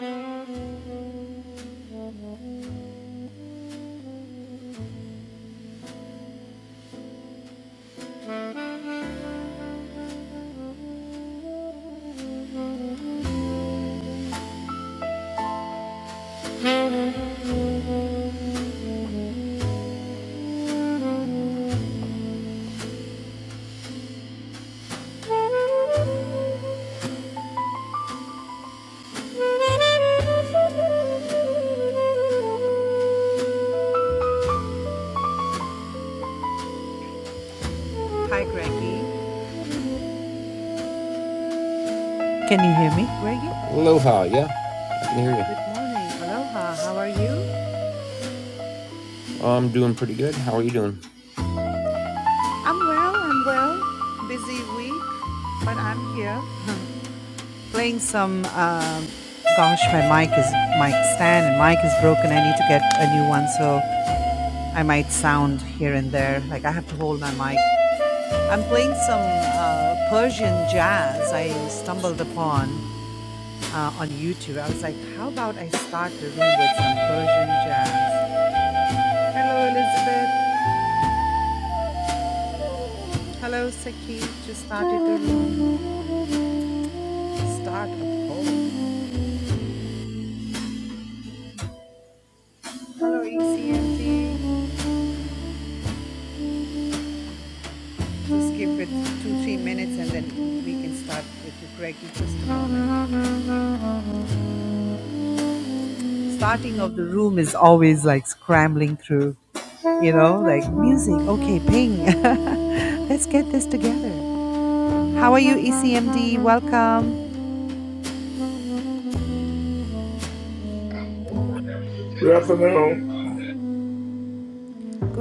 Hi, Greggy. Can you hear me? Greggy, Aloha, yeah, I can hear you. good morning. Aloha, how are you? I'm doing pretty good. How are you doing? I'm well, I'm well. Busy week, but I'm here. Playing some, um, gosh, my mic is, mic stand and mic is broken. I need to get a new one, so I might sound here and there. Like I have to hold my mic. I'm playing some uh, Persian jazz I stumbled upon uh, on YouTube. I was like, how about I start the room with some Persian jazz? Hello, Elizabeth. Hello, Saki. Just started a room. Start a poll. Hello, ECMT. Just give it two, three minutes and then we can start with the Greggy just a moment. Starting of the room is always like scrambling through, you know, like music. Okay, ping. Let's get this together. How are you, ECMD? Welcome. Good afternoon.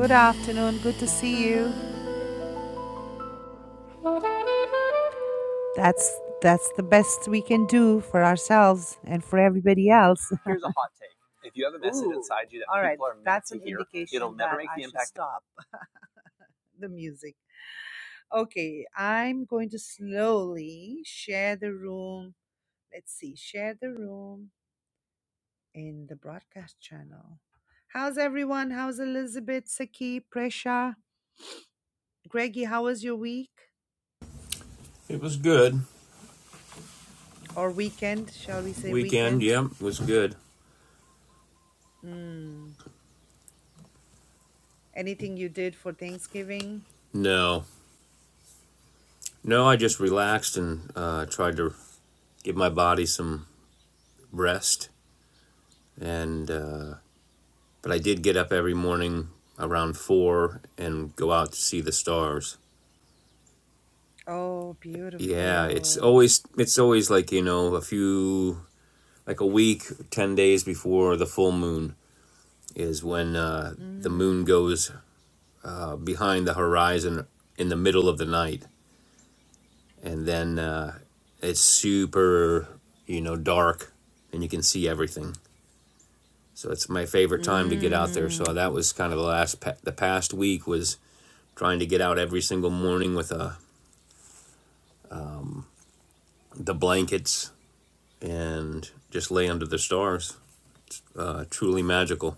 Good afternoon. Good to see you. That's that's the best we can do for ourselves and for everybody else. Ooh, All right, right, that's an indication that should stop the music. Okay, I'm going to slowly share the room. Let's see, share the room in the broadcast channel. How's everyone? How's Elizabeth, Saki, Presha, Greggy? How was your week It was good. or weekend? Shall we say Weekend, weekend? yeah, it was good. Mm. Anything you did for Thanksgiving? No, no, I just relaxed and uh, tried to give my body some rest. And uh, but I did get up every morning around four and go out to see the stars. Oh, Yeah, it's beautiful. always it's always like you know a few like a week, ten days before the full moon is when uh, the moon Mm. goes behind the horizon in the middle of the night, and then uh, it's super, you know, dark, and you can see everything. So it's my favorite time to get out there. Mm. So that was kind of the last pa- the past week was trying to get out every single morning with uh, the blankets and just lay under the stars. Uh, truly magical.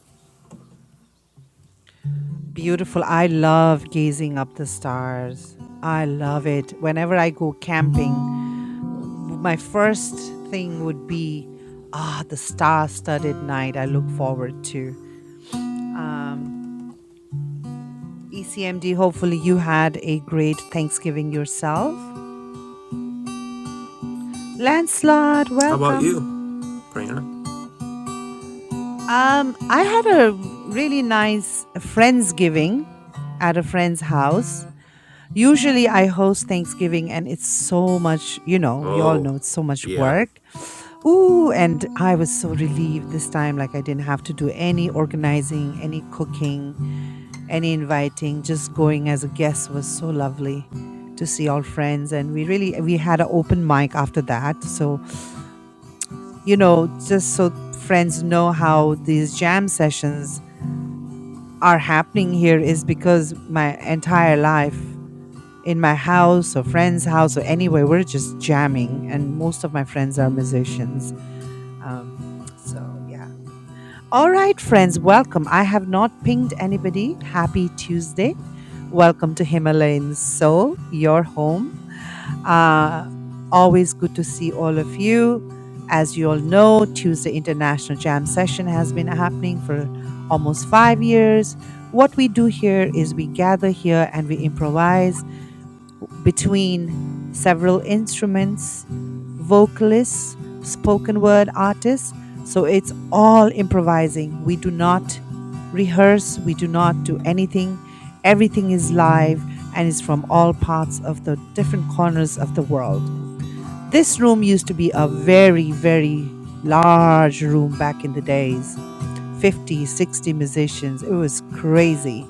Beautiful. I love gazing up the stars. I love it. Whenever I go camping, w- my first thing would be ah the star-studded night I look forward to. Um ECMD, hopefully you had a great Thanksgiving yourself. Lancelot, How about welcome. you, Prana? Um, I had a really nice Friendsgiving at a friend's house. Usually I host Thanksgiving and it's so much, you know, we all Oh, know it's so much yeah, work. Ooh, and I was so relieved this time. Like I didn't have to do any organizing, any cooking, any inviting. Just going as a guest was so lovely to see all friends. And we really we had an open mic after that. So, you know, just so friends know how these jam sessions are happening here is because my entire life in my house or friend's house or anywhere, we're just jamming. And most of my friends are musicians. Um, so, yeah. All right, friends, welcome. I have not pinged anybody. Happy Tuesday. Welcome to Himalayan Soul, your home uh, always good to see all of you. As you all know, Tuesday International Jam Session has been happening for almost five years. What we do here is we gather here and we improvise between several instruments, vocalists, spoken word artists. So it's all improvising. We do not rehearse, we do not do anything. Everything is live and is from all parts of the different corners of the world. This room used to be a very, very large room back in the days 50, 60 musicians. It was crazy.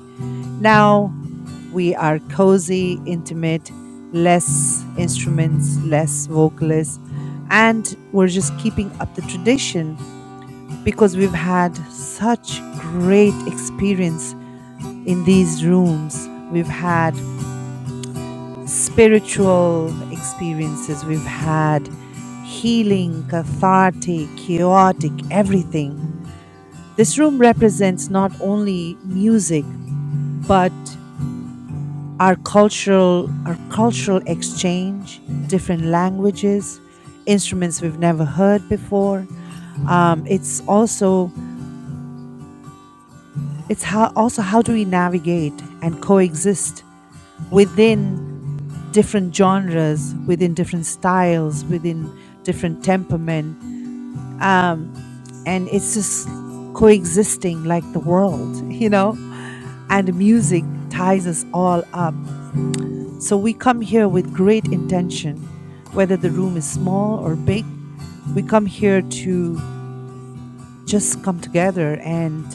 Now we are cozy, intimate, less instruments, less vocalists, and we're just keeping up the tradition because we've had such great experience in these rooms. We've had spiritual experiences, we've had healing, cathartic, chaotic, everything. This room represents not only music, but our cultural our cultural exchange different languages instruments we've never heard before um, it's also it's how also how do we navigate and coexist within different genres within different styles within different temperament um, and it's just coexisting like the world you know and music ties us all up So we come here with great intention, whether the room is small or big. We come here to just come together and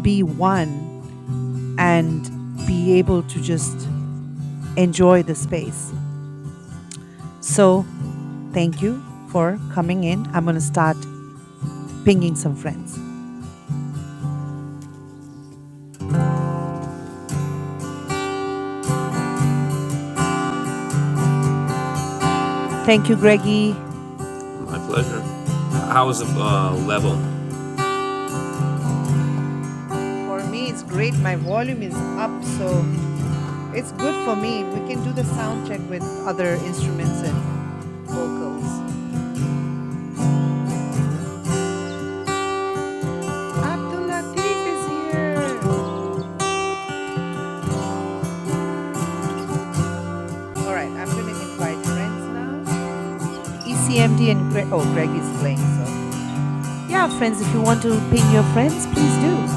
be one and be able to just enjoy the space. So thank you for coming in. I'm going to start pinging some friends. Thank you, Greggy. my pleasure. How was the uh, level? For me, it's great. My volume is up, so it's good for me. We can do the sound check with other instruments and vocals. Abdul Latif is here. All right, I'm going to invite friends now. ECMD and Greg. Oh, Greg is playing, so. Yeah, friends, if you want to ping your friends, please do.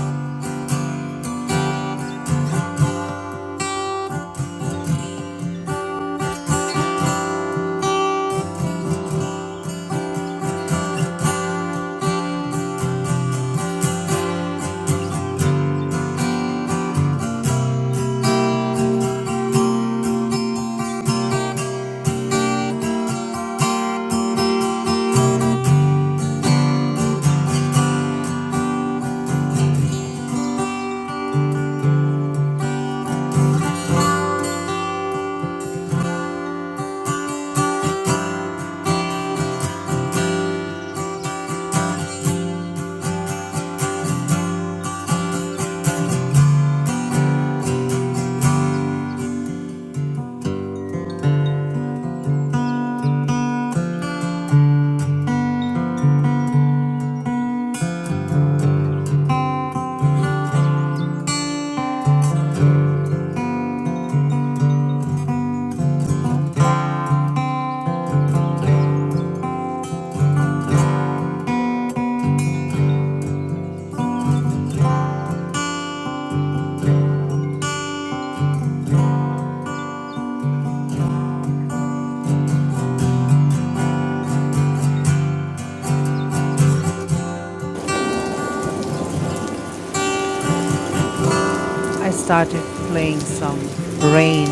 I started playing some rain.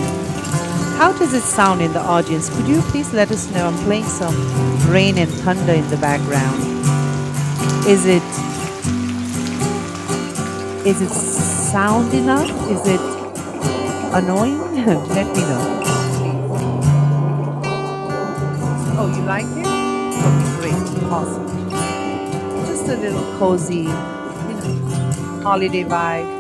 How does it sound in the audience? Could you please let us know? I'm playing some rain and thunder in the background. Is it is it sound enough? Is it annoying? let me know, please. Oh, you like it? Okay, great. Awesome. Just a little cozy, you know, holiday vibe.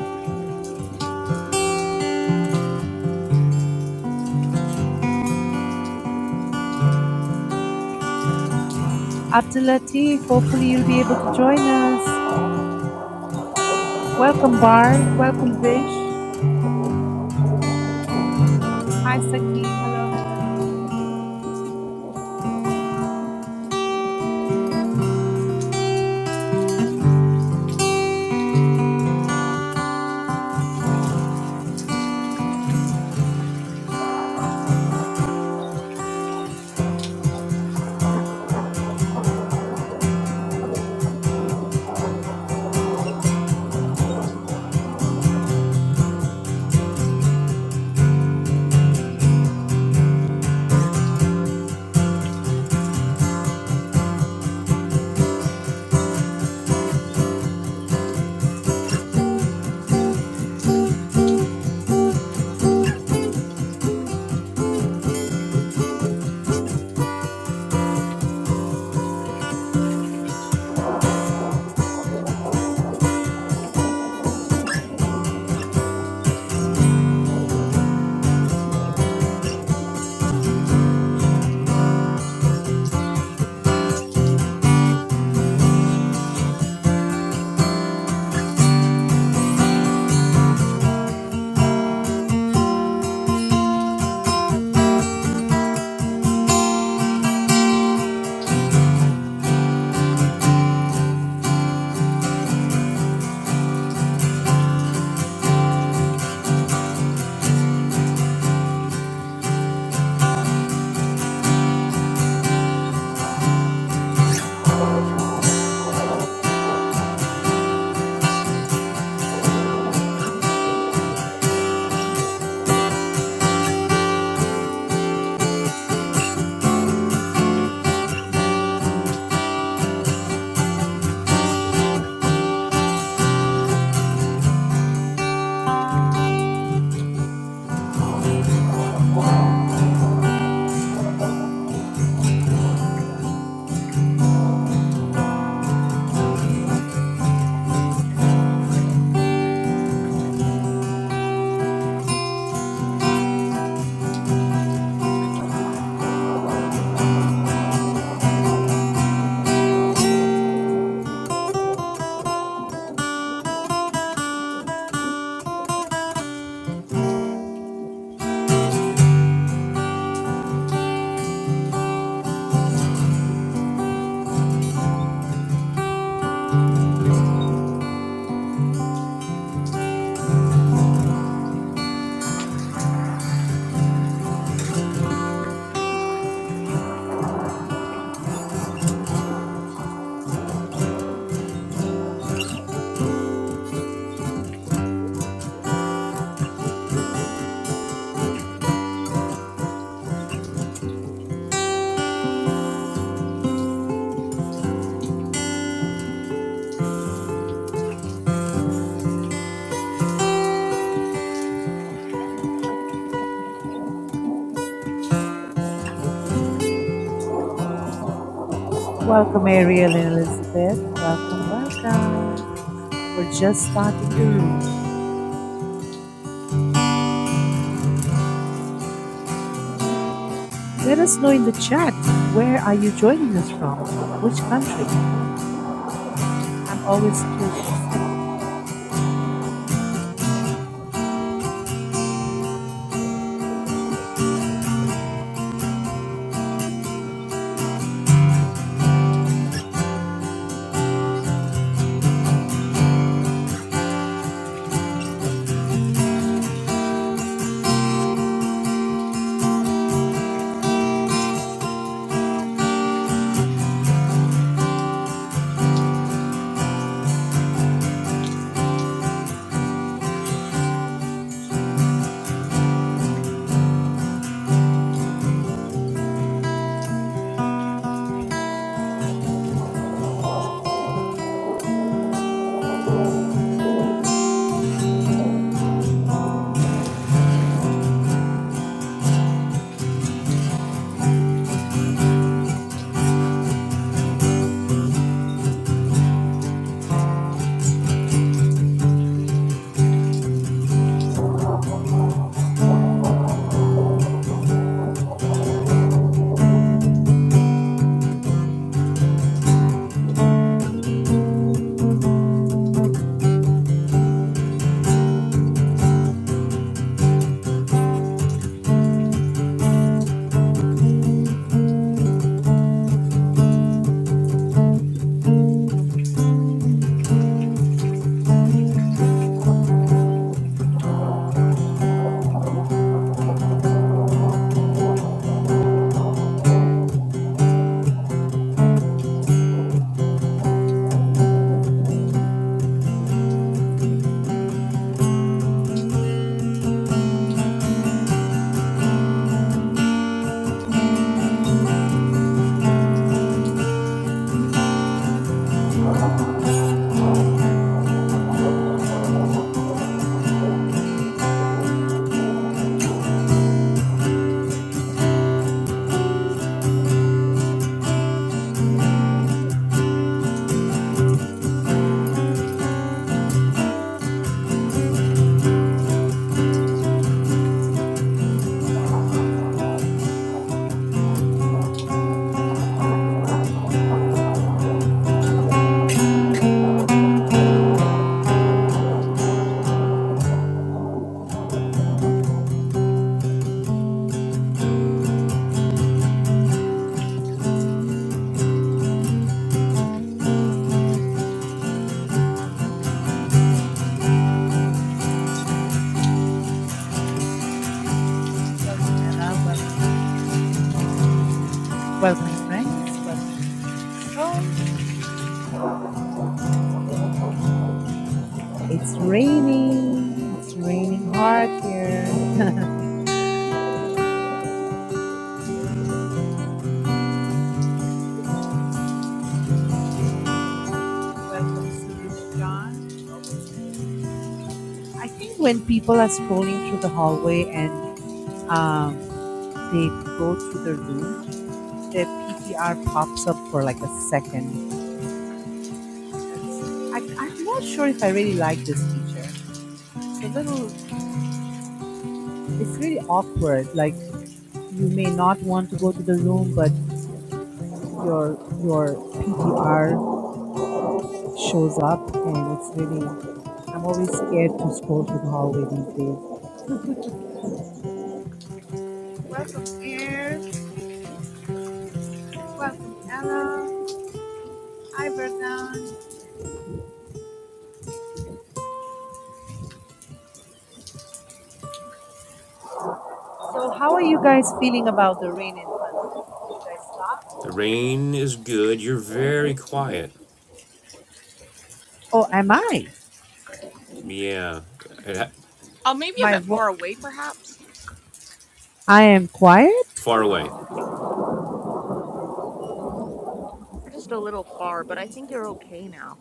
Abdul Latif, hopefully you'll be able to join us. Welcome, Bar. Welcome, Vish. Hi, Sakib. Hello, hello. Welcome, Ariel and Elizabeth. Welcome, welcome. We're just starting the room. Let us know in the chat where are you joining us from? Which country? I'm always curious. welcome, Mela. Welcome. Welcome, friends. Welcome to Himalayan Soul. It's raining. It's raining hard here. Welcome, Suraj John. I think when people are scrolling through the hallway and um, they go through the room, their PTR pops up for like a second. That's, I, I'm not sure if I really like this feature. It's a little, it's really awkward. Like you may not want to go to the room, but your your PTR shows up and it's really I'm always scared to stroll through the hallway these days. Welcome Air, welcome Ella, hi Verdun. So how are you guys feeling about the rain in Panama? You guys stop? The rain is good. You're very quiet. Oh, am I? Yeah, it Oh, maybe a My bit vo- far away, perhaps. I am quiet. far away. Just a little far, but I think you're okay now.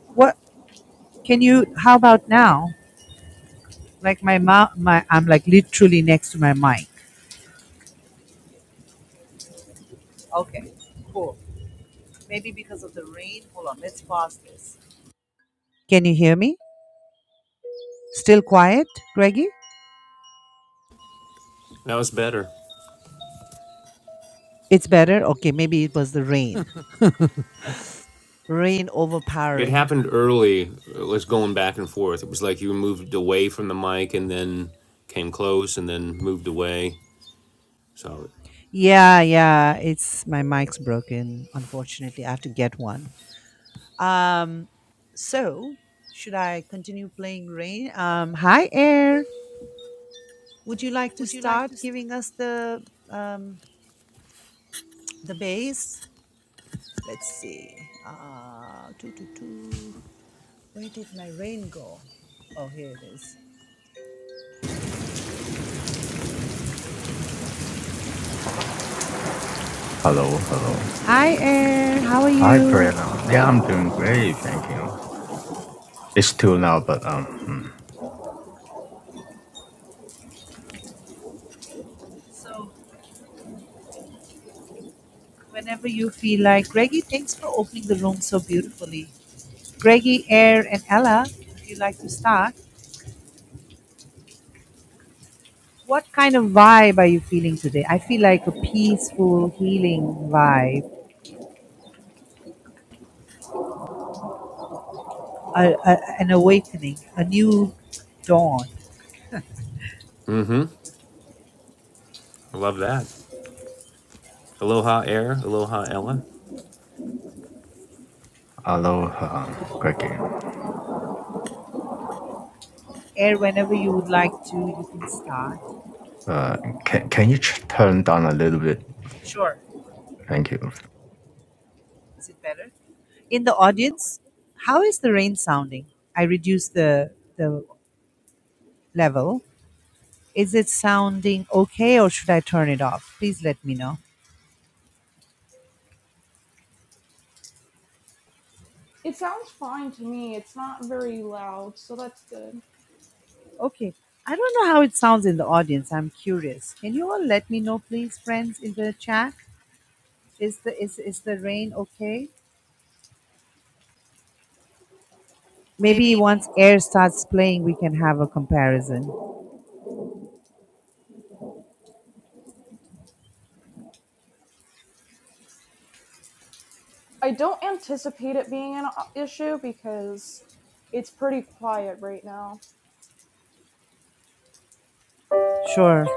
What can you? How about now? Like my mouth, my I'm like literally next to my mic. Okay, cool. Maybe because of the rain. Hold on, let's pause this. Can you hear me? Still quiet, Greggy? That was better. It's better? Okay, maybe it was the rain. Rain It overpowering. happened early. It was going back and forth. It was like you moved away from the mic and then came close and then moved away. So Yeah, yeah, it's my mic's broken. Unfortunately, I have to get one. Um so, should I continue playing rain? Um hi Air. Would you like to start giving us the um the bass? Let's see. Uh two, two, two. Where did my rain go? Oh, here it is. Hello, hello. Hi Air, how are Hi, you? Pratham. Yeah, I'm doing great, thank you. It's two now, but um, hmm. So whenever you feel like. Greggy, thanks for opening the room so beautifully. Greggy, Air, and Ella, if you would like to start, what kind of vibe are you feeling today? I feel like a peaceful, healing vibe, a, a, an awakening, a new dawn. I love that. Aloha Air, Aloha Ella. hello, uh, Greggy. Air, whenever you would like to, you can start. Uh, can can you ch- turn down a little bit? Sure. Thank you. Is it better? In the audience, how is the rain sounding? I reduced the, the level. Is it sounding okay or should I turn it off? Please let me know. It sounds fine to me. It's not very loud, so that's good. Okay. I don't know how it sounds in the audience. I'm curious. Can you all let me know, please, friends, in the chat? Is the is, is the rain okay? Maybe once air starts playing, we can have a comparison. I don't anticipate it being an uh, issue because it's pretty quiet right now. Sure.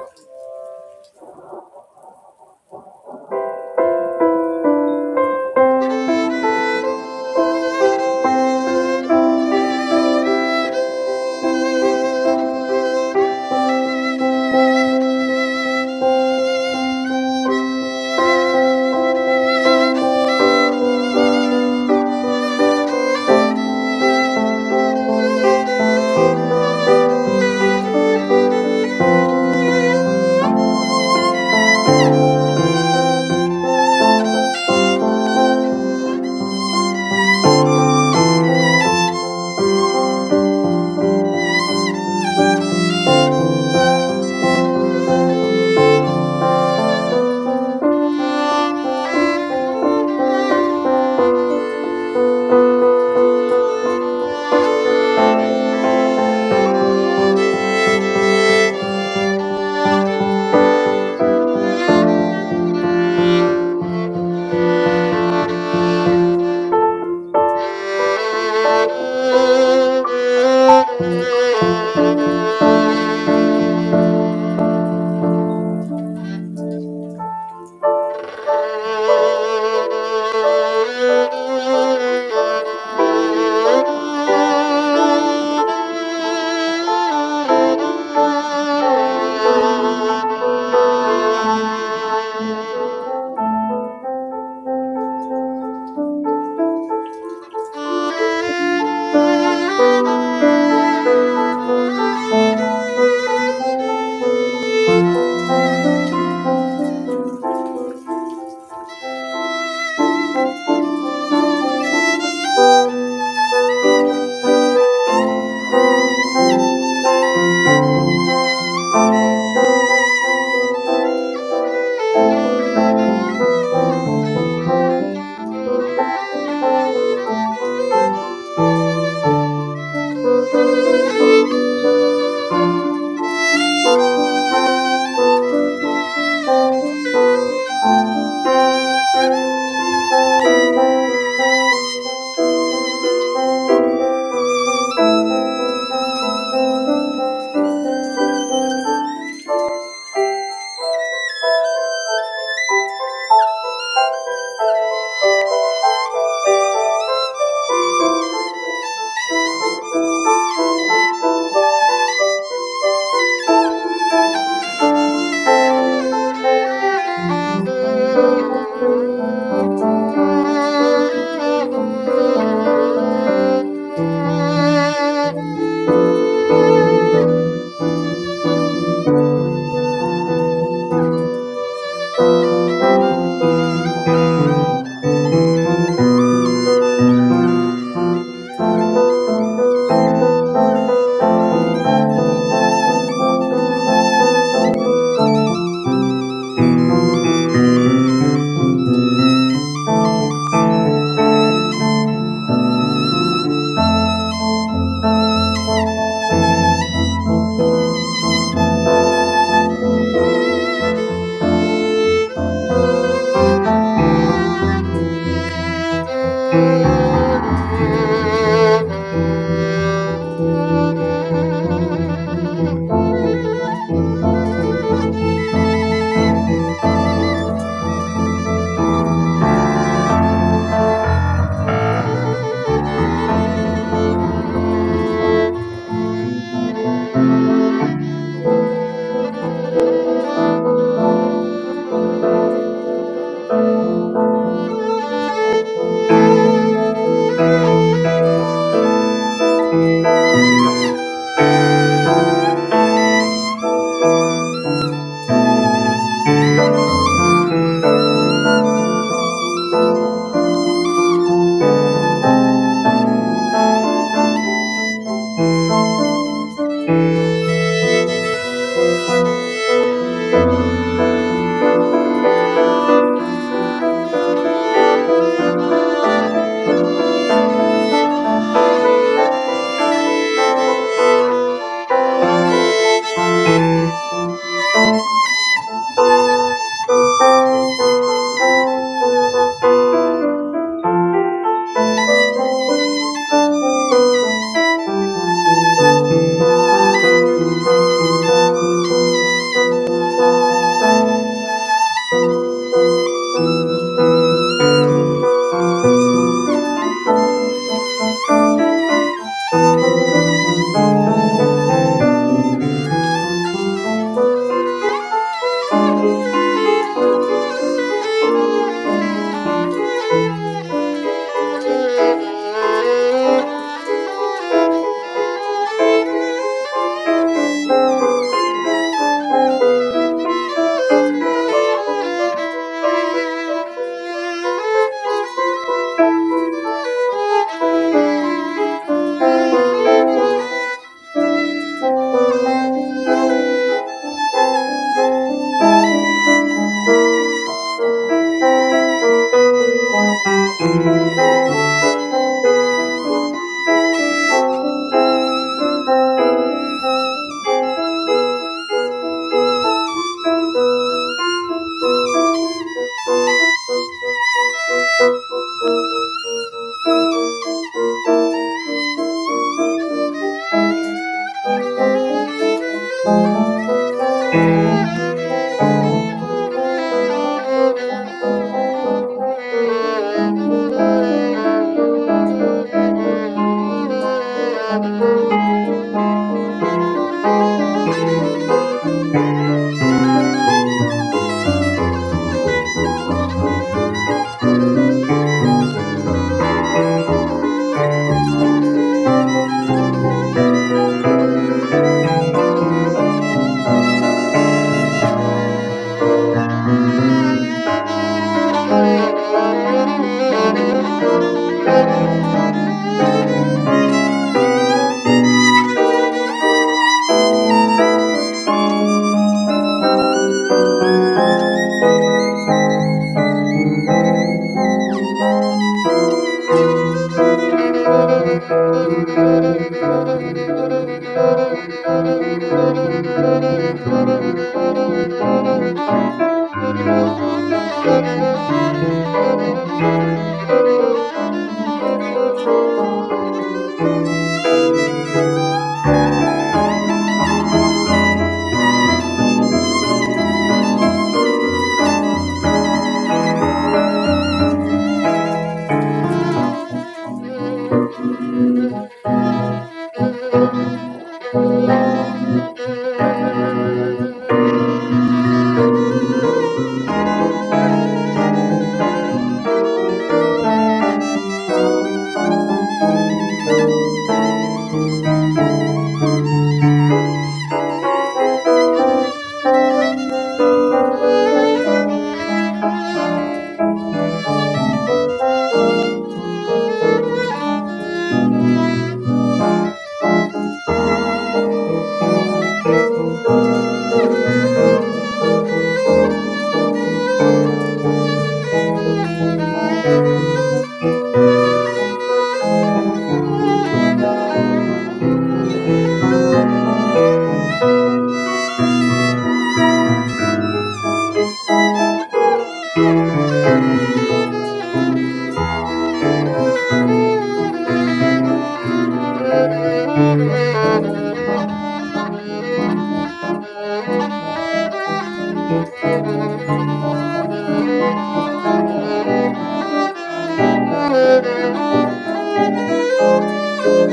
Thank you. Thank you. Thank you. Thank you. Thank you. Thank you. Thank you. Thank you. Thank you. Thank you. Thank you. Thank you. Thank you. Thank you.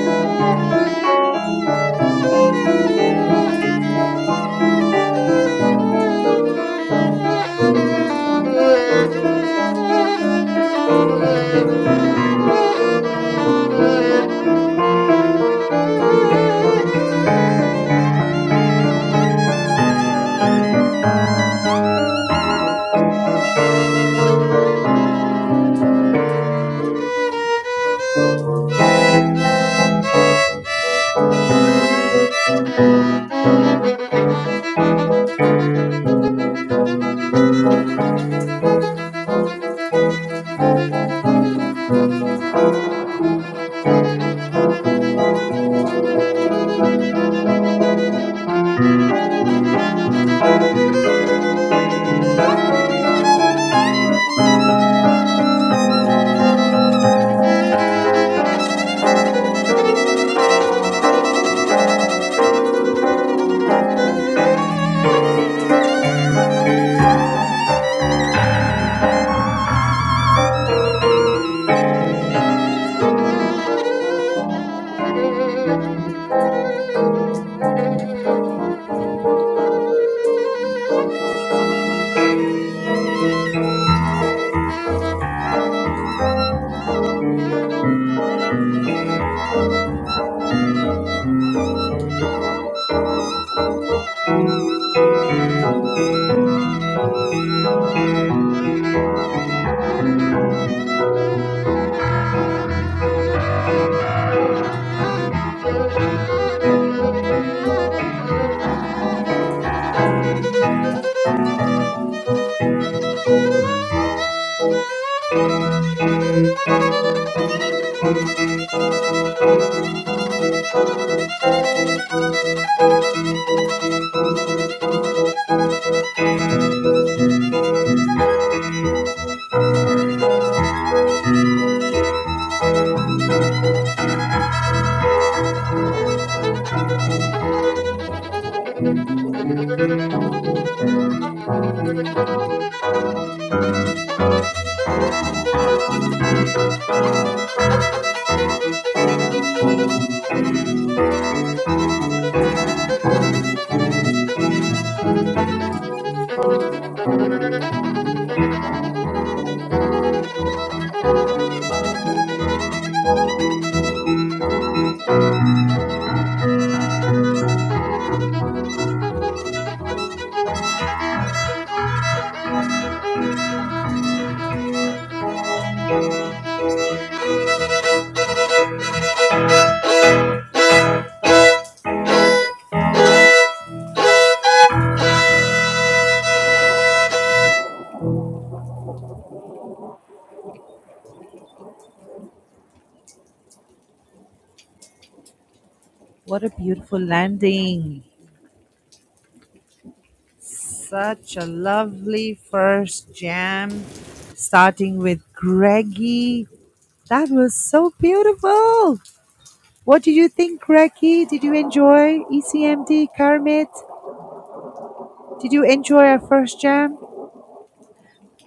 Thank you. Thank you. Thank you. Thank you. Thank you. Thank you. What a beautiful landing. Such a lovely first jam, starting with Greggy. That was so beautiful. What did you think, Greggy? Did you enjoy ECMD, Kermit? Did you enjoy our first jam?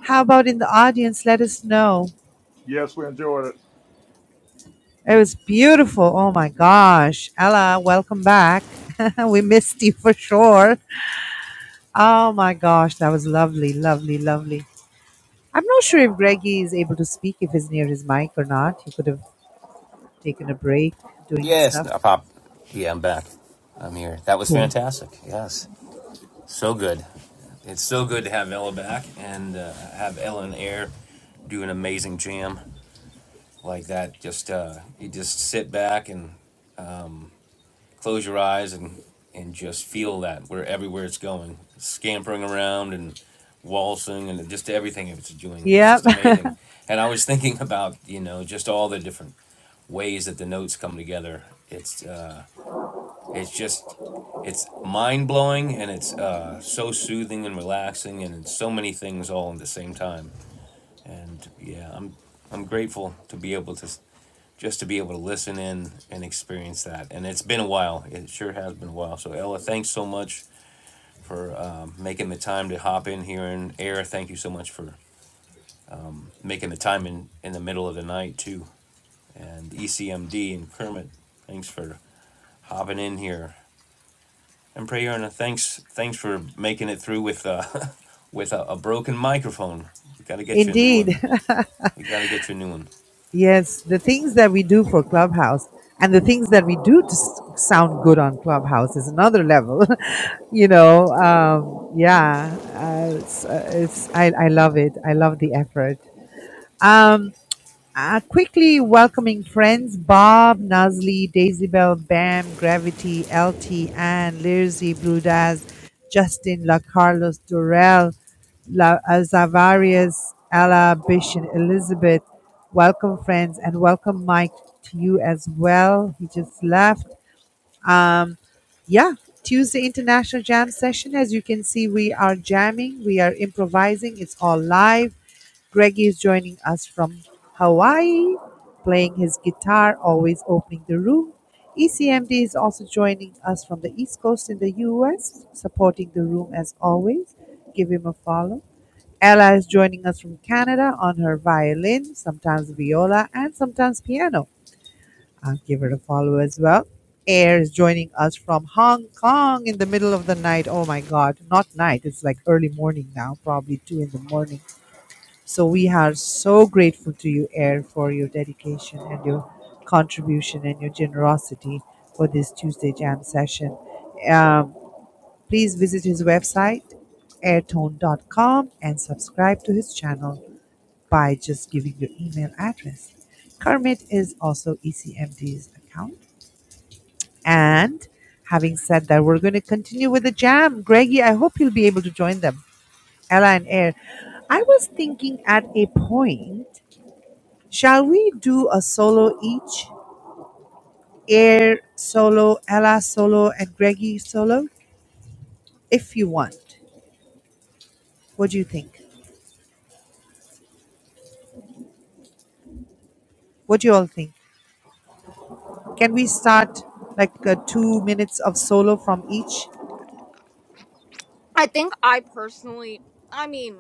How about in the audience? Let us know. Yes, we enjoyed it. It was beautiful. Oh my gosh. Ella, welcome back. we missed you for sure. Oh my gosh. That was lovely, lovely, lovely. I'm not sure if Greggy is able to speak, if he's near his mic or not. He could have taken a break doing Yes, stuff. no, Pop. Yeah, I'm back. I'm here. That was Cool. fantastic. Yes, so good. It's so good to have Ella back and uh, have Ella and Air do an amazing jam. like that. Just uh, you just sit back and um, close your eyes and and just feel that where everywhere it's going, scampering around and waltzing and just everything it's doing. It's Yep, just amazing. And I was thinking about you know just all the different ways that the notes come together. It's uh, it's just it's mind blowing and it's uh, so soothing and relaxing and it's so many things all at the same time. And yeah, I'm I'm grateful to be able to just to be able to listen in and experience that. And it's been a while. It sure has been a while. So, Ella, thanks so much for um, making the time to hop in here. And, Air, thank you so much for making the time in, in the middle of the night, too. And ECMD and Kermit, thanks for hopping in here. And Prayer thanks thanks for making it through with uh, with a, a broken microphone. We got to get you a new indeed. one. We got to get you a new one. Yes, the things that we do for Clubhouse and the things that we do to s- sound good on Clubhouse is another level. you know, um, yeah, uh, it's, uh, it's I, I love it. I love the effort. Um, uh, quickly welcoming friends Bob, Nazli, Daisybell, Bam, Gravity, L.T. Anne, Lirzy, Blue Daz, Justin, La Carlos, Durrell, La uh, Zavarius, Ella, Bishan, Elizabeth. Welcome, friends, and welcome, Mike, to you as well. He just left. Um, yeah, Tuesday International Jam Session. As you can see, we are jamming, we are improvising. It's all live Greg is joining us from Hawaii, playing his guitar, always opening the room. ECMD is also joining us from the East Coast in the US, supporting the room as always. Give him a follow. Ella is joining us from Canada on her violin, sometimes viola, and sometimes piano. I'll give her a follow as well. Air is joining us from Hong Kong in the middle of the night. Oh my God, not night, it's like early morning now, probably two in the morning so we are so grateful to you, Air, for your dedication and your contribution and your generosity for this Tuesday Jam session. Um, please visit his website, airtone dot com, and subscribe to his channel by just giving your email address. Kermit is also ECMD's account. And having said that, we're going to continue with the jam. Greggy, I hope you'll be able to join them. Ella and Air. I was thinking at a point. Shall we do a solo each? Air solo, Ella solo, and Greggy solo, if you want. What do you think? What do you all think? Can we start like uh, two minutes of solo from each? I think I personally, I mean,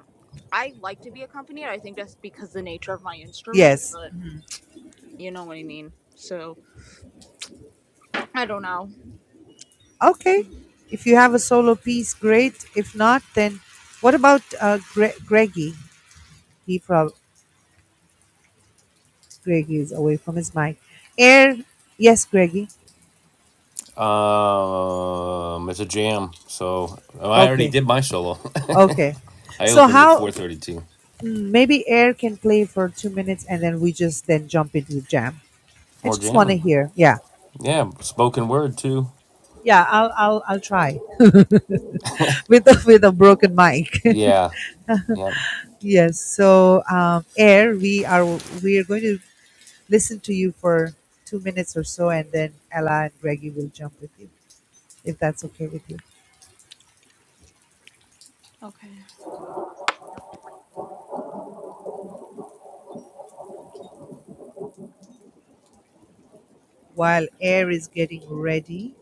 I like to be accompanied. I think that's because the nature of my instrument, Yes. but you know what I mean. So I don't know. Okay. If you have a solo piece, great. If not, then what about uh, Gre- Greggy? He prob Greggy is away from his mic. Air, yes, Greggy. Um, it's a jam. So I already Okay. did my solo. Okay. I So opened with how? 432. Mm, Maybe Air can play for two minutes and then we just then jump into the jam. I More just want to jamming. hear. Yeah. Yeah, spoken word too. Yeah, I'll I'll I'll try with a, with a broken mic. Yeah. Yep. yes. So um, Air, we are we are going to listen to you for two minutes or so, and then Ella and Reggie will jump with you if that's okay with you. Okay. While Air is getting ready,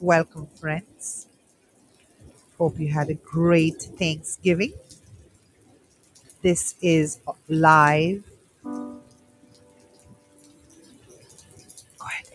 welcome friends. Hope you had a great Thanksgiving. This is live. Go ahead.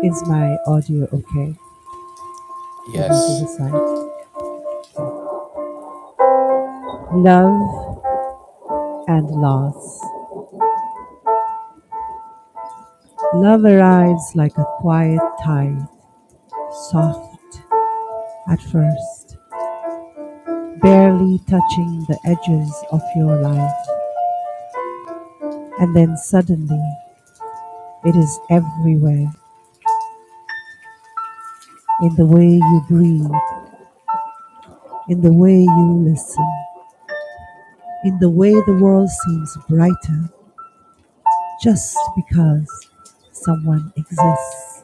Is my audio okay? For me to Yes. his Love and loss. Love arrives like a quiet tide, soft at first, barely touching the edges of your life, and then suddenly it is everywhere in the way you breathe, in the way you listen, in the way the world seems brighter just because someone exists.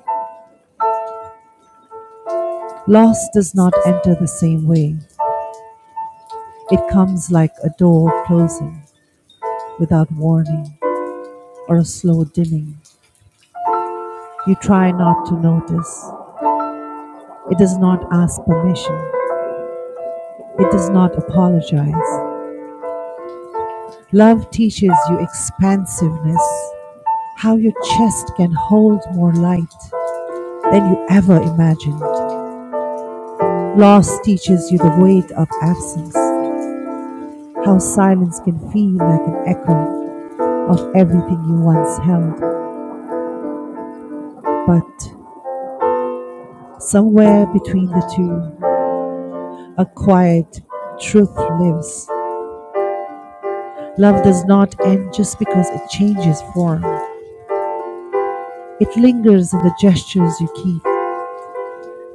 Loss does not enter the same way. It comes like a door closing without warning or a slow dimming. You try not to notice. It does not ask permission. It does not apologize. Love teaches you expansiveness, how your chest can hold more light than you ever imagined. Loss teaches you the weight of absence, how silence can feel like an echo of everything you once held. But somewhere between the two, acquired truth lives. Love does not end just because it changes form. It lingers in the gestures you keep,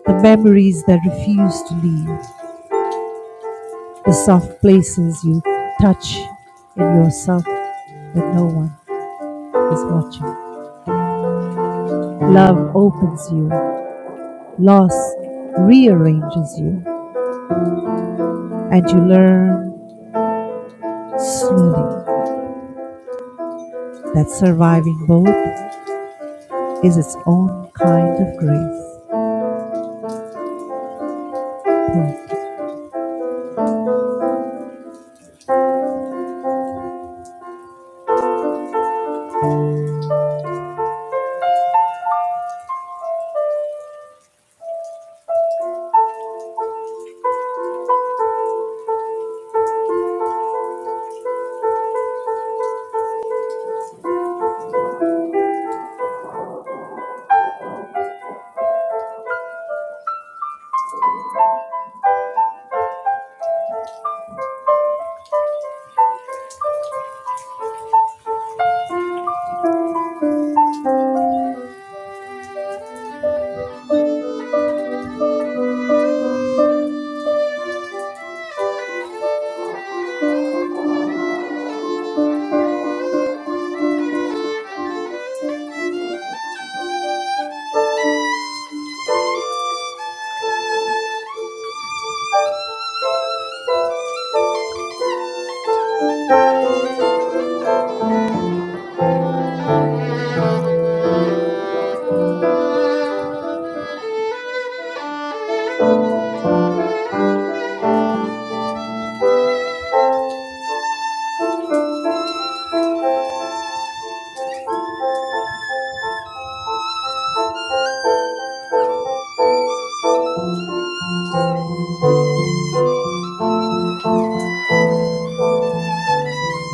the memories that refuse to leave, the soft places you touch in yourself when no one is watching. Love opens you, loss rearranges you, and you learn slowly that surviving both is its own kind of grace. Poem.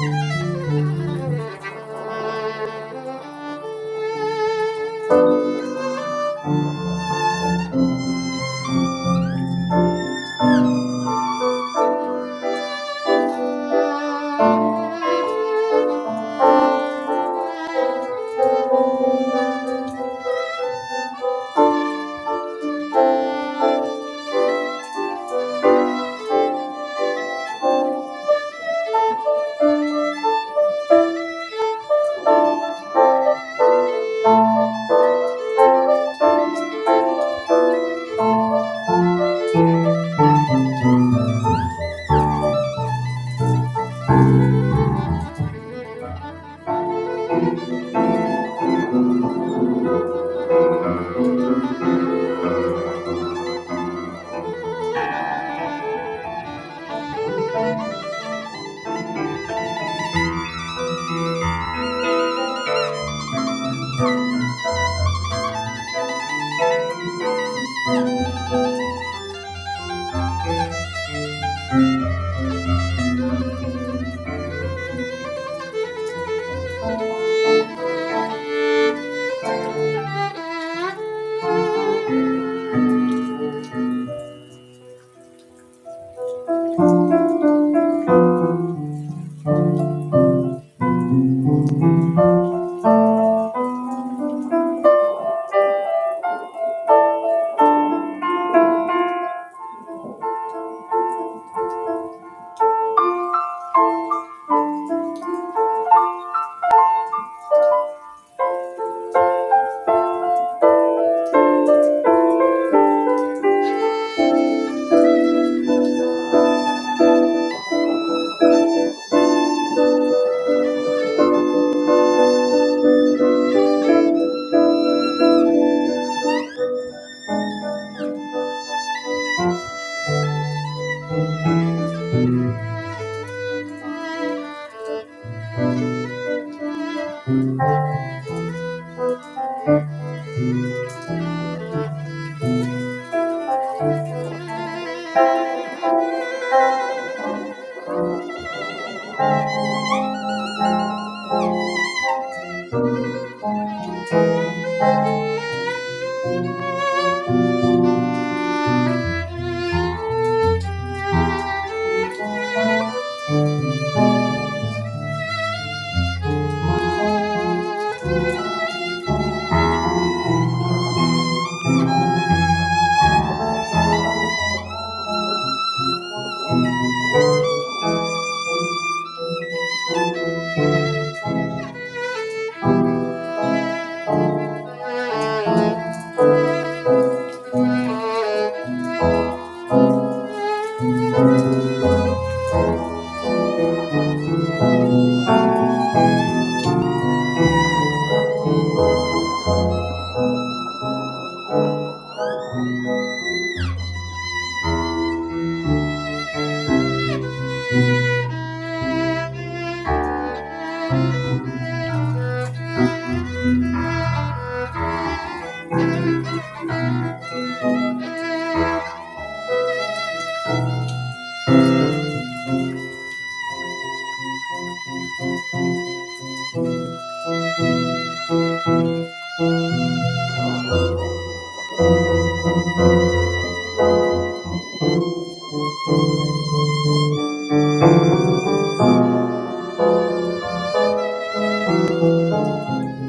Thank you. Thank you. Thank you. Thank you. Thank you. Thank you. Thank you.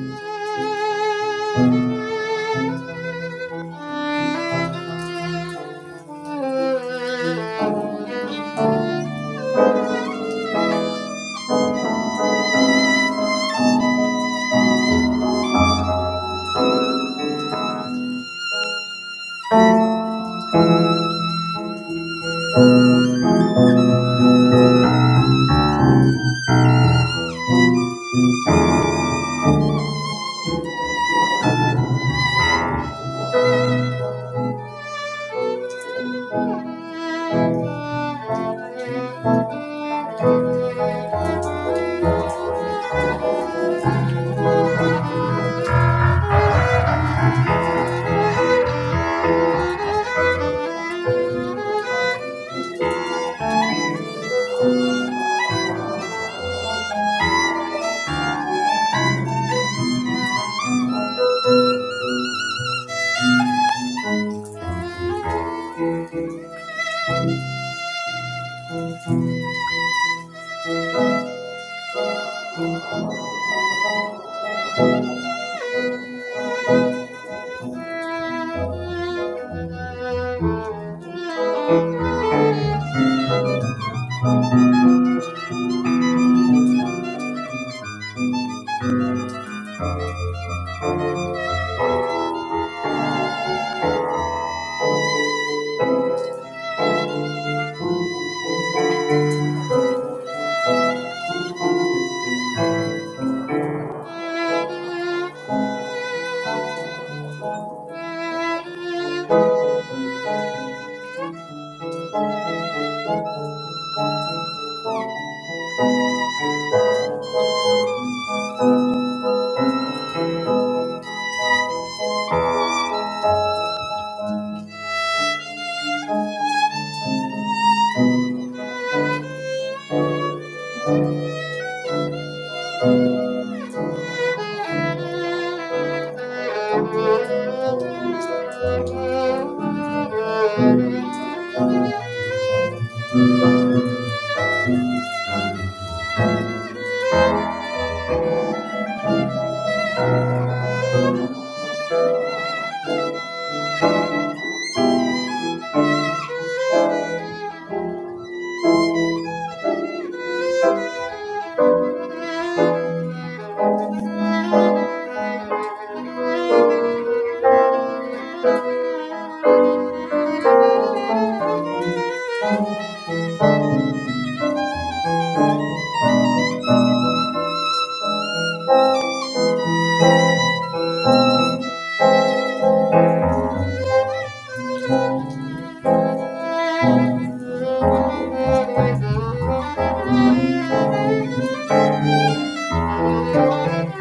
Thank you. Thank you.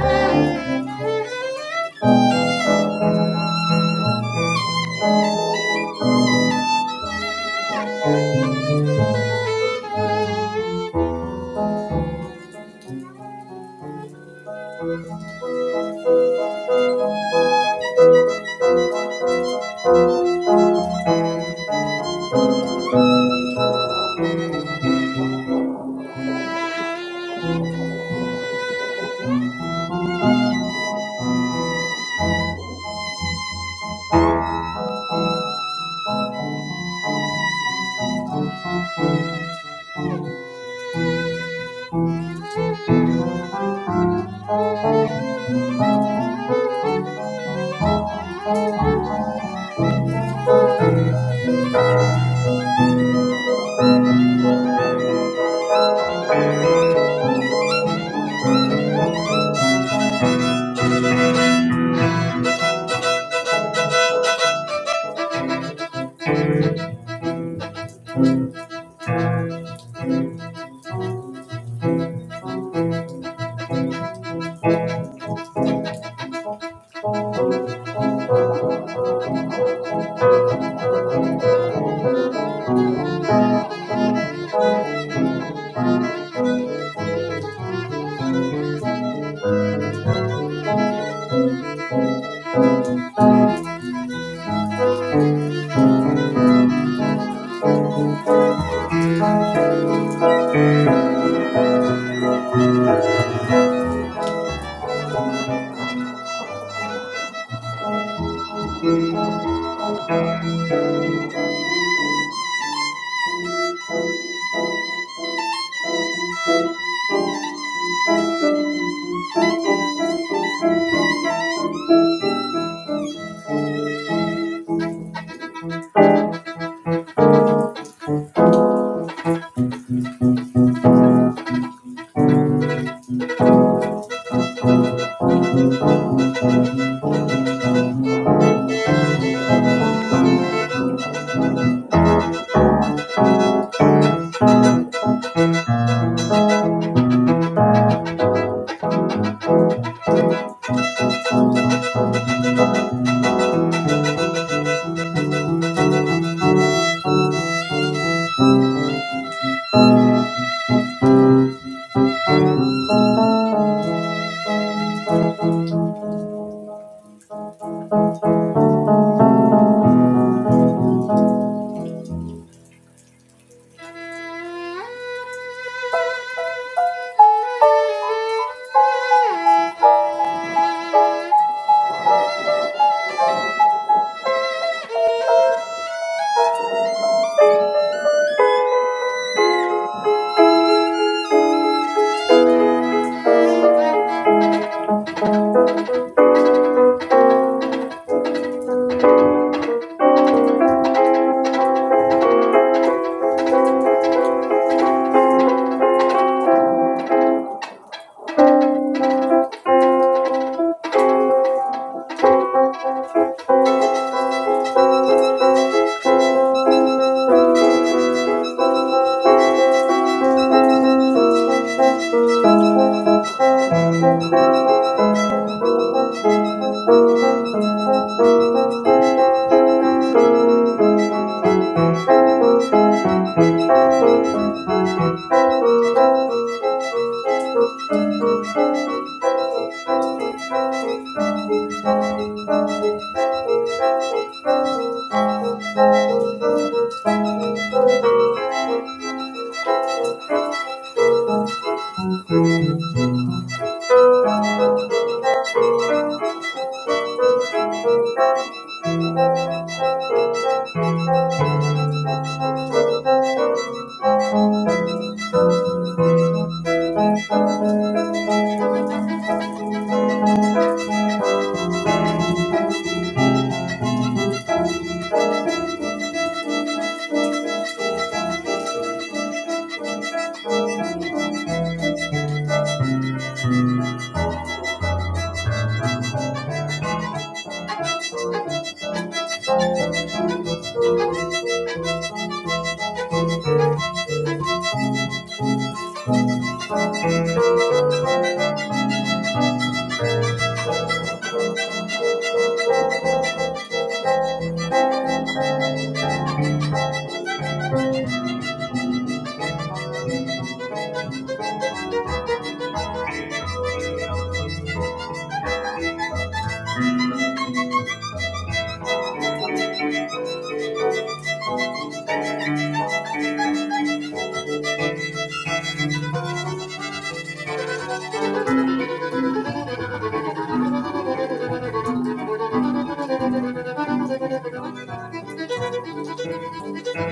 Thank you. Thank you. Thank you. Thank you. Thank you.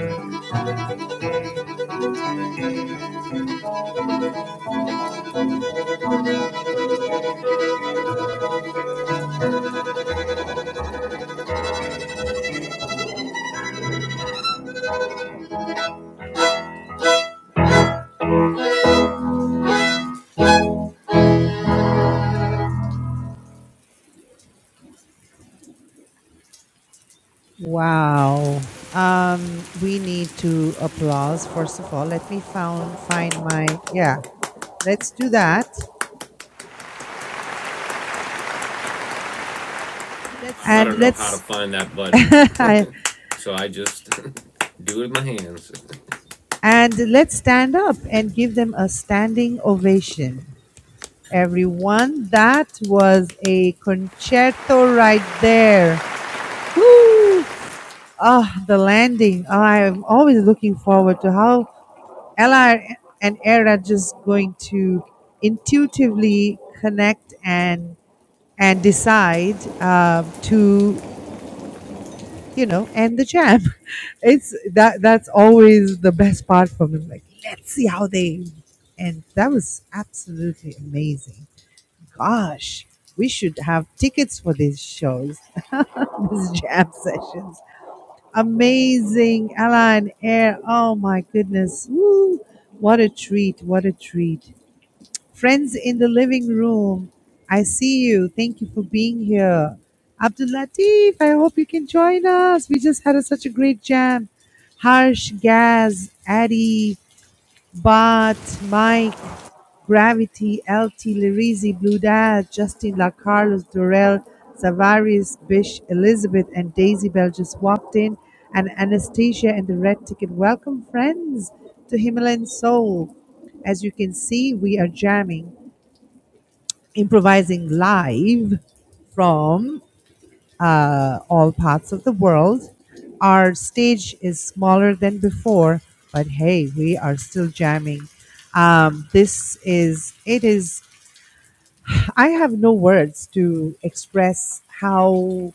Wow. Um, we need to applause, first of all. Let me found, find my, yeah, let's do that. I And don't know how to let's, find that button, and so I just do it with my hands. let's stand up and give them a standing ovation. Everyone, that was a concerto right there. Woo! Ah, the landing. I'm always looking forward to how LR and air are just going to intuitively connect and and decide um, to you know end the jam. It's that that's always the best part for me. Like let's see how they and that was absolutely amazing. Gosh, we should have tickets for these shows, these jam sessions. Amazing, Ella and Air. Oh my goodness, Woo. what a treat! What a treat! Friends in the living room, I see you. Thank you for being here. Abdul Latif, I hope you can join us. We just had a, such a great jam. Harsh, Gaz, Addy, Bart, Mike, Gravity, LT, Lirizi, Blue Dad, Justin, La Carlos, Dorel, Savaris, Bish, Elizabeth, and Daisy Bell just walked in, and Anastasia and the Red Ticket. Welcome, friends, to Himalayan Soul. As you can see, we are jamming improvising live from uh, all parts of the world. Our stage is smaller than before, but hey, we are still jamming. Um, this is, it is, I have no words to express how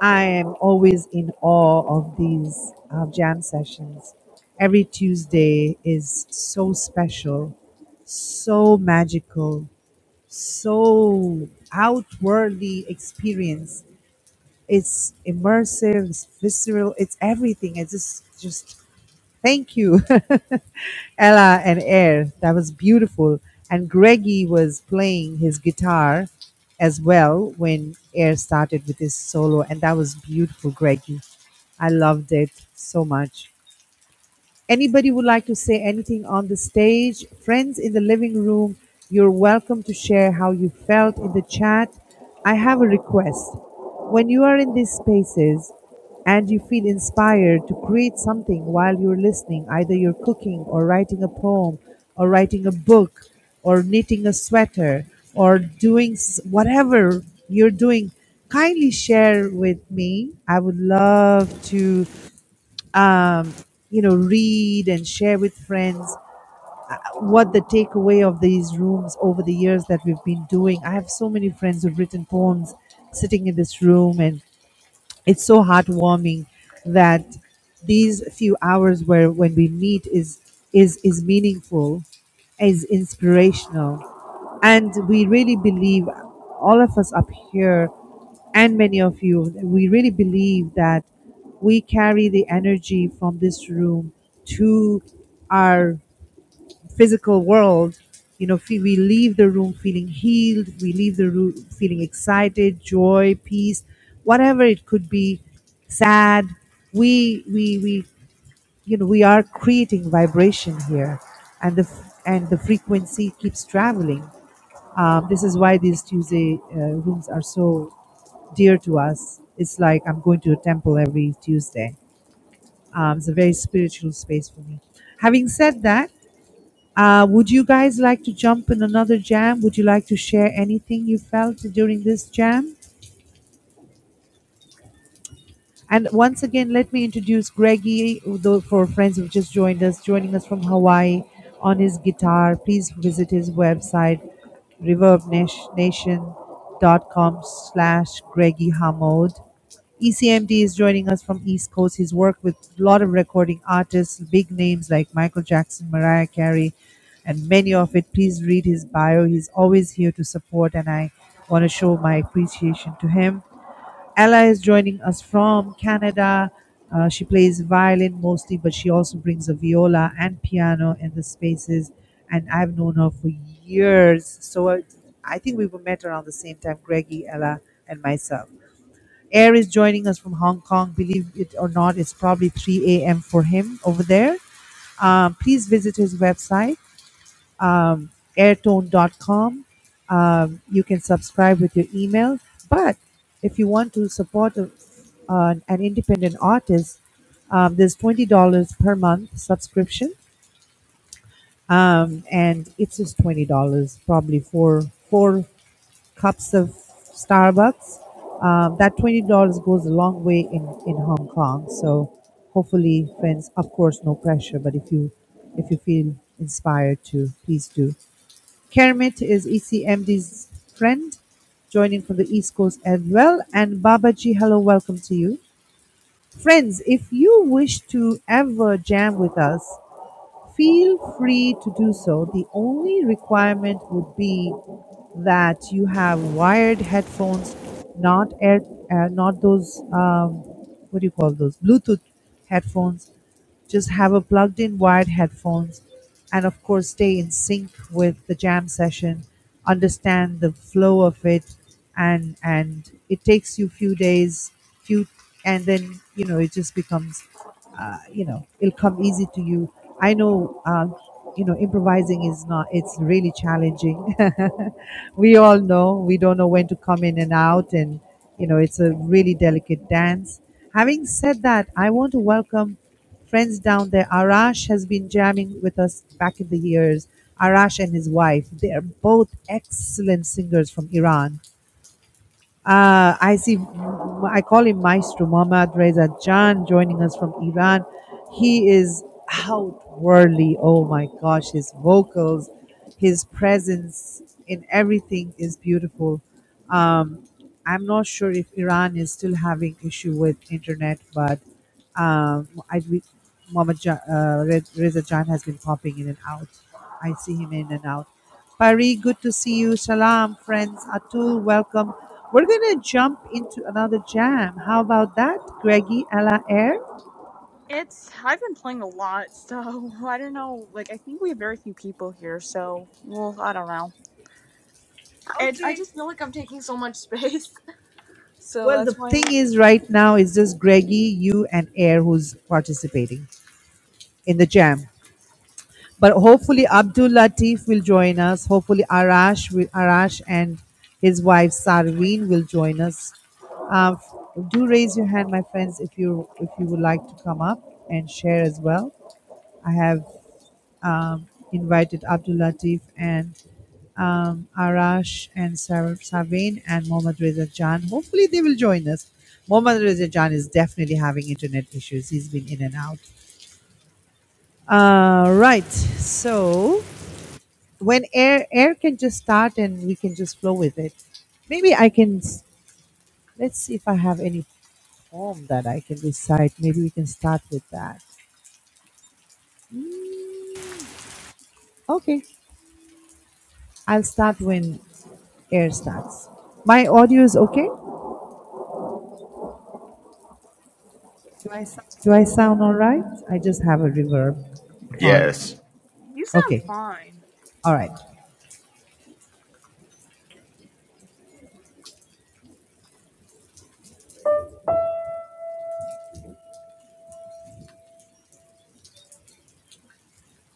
I am always in awe of these uh, jam sessions. Every Tuesday is so special, so magical So, outwardly experience. It's immersive, it's visceral, it's everything. It's just, just thank you, Ella and Air. That was beautiful. And Greggy was playing his guitar as well when Air started with his solo, and that was beautiful, Greggy. I loved it so much. Anybody would like to say anything on the stage? Friends in the living room, you're welcome to share how you felt in the chat. I have a request. When you are in these spaces and you feel inspired to create something while you're listening, either you're cooking or writing a poem or writing a book or knitting a sweater or doing s- whatever you're doing, kindly share with me. I would love to um, you know, read and share with friends uh, what the takeaway of these rooms over the years that we've been doing. I have so many friends who've written poems sitting in this room, and it's so heartwarming that these few hours where when we meet is is is meaningful is inspirational and we really believe all of us up here and many of you we really believe that we carry the energy from this room to our physical world you know fe- we leave the room feeling healed we leave the room feeling excited joy peace whatever it could be sad we we we you know we are creating vibration here and the f- and the frequency keeps traveling um, this is why these tuesday uh, rooms are so dear to us it's like i'm going to a temple every tuesday um, it's a very spiritual space for me having said that uh, would you guys like to jump in another jam? Would you like to share anything you felt during this jam? And once again, let me introduce Greggy though, for friends who've just joined us, joining us from Hawaii on his guitar. Please visit his website, reverbnation.com slash Greggy Hamod. ECMD is joining us from East Coast. He's worked with a lot of recording artists, big names like Michael Jackson, Mariah Carey, and many of it. Please read his bio. He's always here to support, and I want to show my appreciation to him. Ella is joining us from Canada. Uh, she plays violin mostly, but she also brings a viola and piano in the spaces. And I've known her for years. So uh, I think we were met around the same time, Greggy, Ella, and myself. Air is joining us from Hong Kong. Believe it or not, it's probably 3 a.m. for him over there. Um, please visit his website, um, airtone.com. Um, you can subscribe with your email. But if you want to support a, an an independent artist, um, there's $20 per month subscription. Um, and it's just $20, probably for four cups of Starbucks. Um, that twenty dollars goes a long way in in Hong Kong. So hopefully, friends. Of course, no pressure, but if you if you feel inspired to, please do. Kermit is ECMD's friend, joining from the East Coast as well. And Babaji, hello, welcome to you. Friends, if you wish to ever jam with us, Feel free to do so. The only requirement would be that you have wired headphones, not air, uh, not those um, what do you call those Bluetooth headphones. Just have a plugged-in wired headphones, and of course, stay in sync with the jam session. Understand the flow of it, and and it takes you few days, few, and then you know it just becomes uh, you know it'll come easy to you i know um, you know improvising is not it's really challenging we all know we don't know when to come in and out and you know it's a really delicate dance having said that i want to welcome friends down there arash has been jamming with us back in the years arash and his wife they are both excellent singers from iran uh, I see, I call him Maestro Mohammad Reza Jan joining us from Iran. He is outwardly, oh my gosh, his vocals, his presence in everything is beautiful. Um, I'm not sure if Iran is still having issue with internet, but um, I re- Muhammad ja- uh, Re- Reza Jan has been popping in and out. I see him in and out. Pari, good to see you. Salam, friends. Atul, welcome. We're going to jump into another jam. How about that, Greggy a la Air? It's I've been playing a lot, so I don't know. Like I think we have very few people here, so well, I don't know. And I Okay. just feel like I'm taking so much space, so Well, the that's why. I'm... thing like, is, right now, is just Greggy, you, and Air who's participating in the jam. But hopefully Abdul Latif will join us. Hopefully Arash will, Arash and his wife Sarveen will join us. Uh, do raise your hand, my friends, if you if you would like to come up and share as well. I have um, invited Abdul Latif and um, Arash and Sar- Sarveen and Mohammad Reza Jan. Hopefully they will join us. Mohammad Reza Jan is definitely having internet issues. He's been in and out. Uh, right. So when air air can just start and we can just flow with it maybe i can s- let's see if i have any poem that i can recite maybe we can start with that okay i'll start when air starts my audio is okay do i sound all right i just have a reverb Yes. on okay all right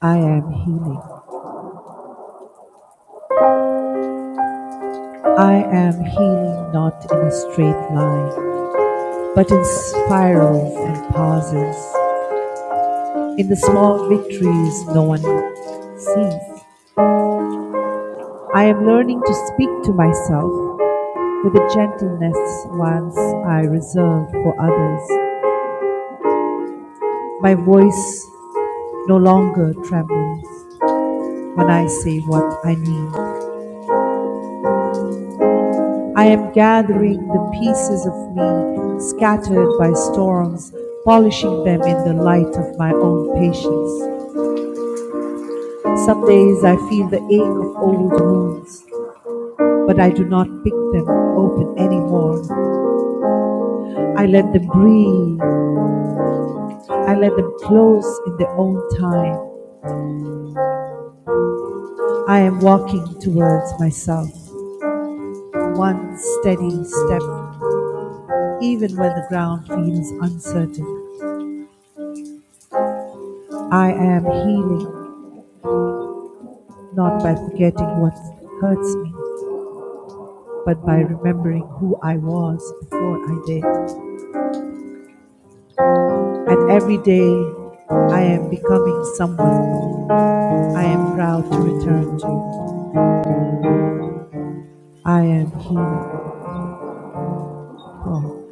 i am healing i am healing not in a straight line but in spirals and pauses In the small victories no one sees. I am learning to speak to myself with a gentleness once I reserved for others. My voice no longer trembles when I say what I need. I am gathering the pieces of me scattered by storms, polishing them in the light of my own patience. Some days I feel the ache of old wounds, but I do not pick them open anymore. I let them breathe. I let them close in their own time. I am walking towards myself, one steady step, even when the ground feels uncertain. I am healing not by forgetting what hurts me, but by remembering who I was before I did. And every day I am becoming someone I am proud to return to. I am healing. Oh,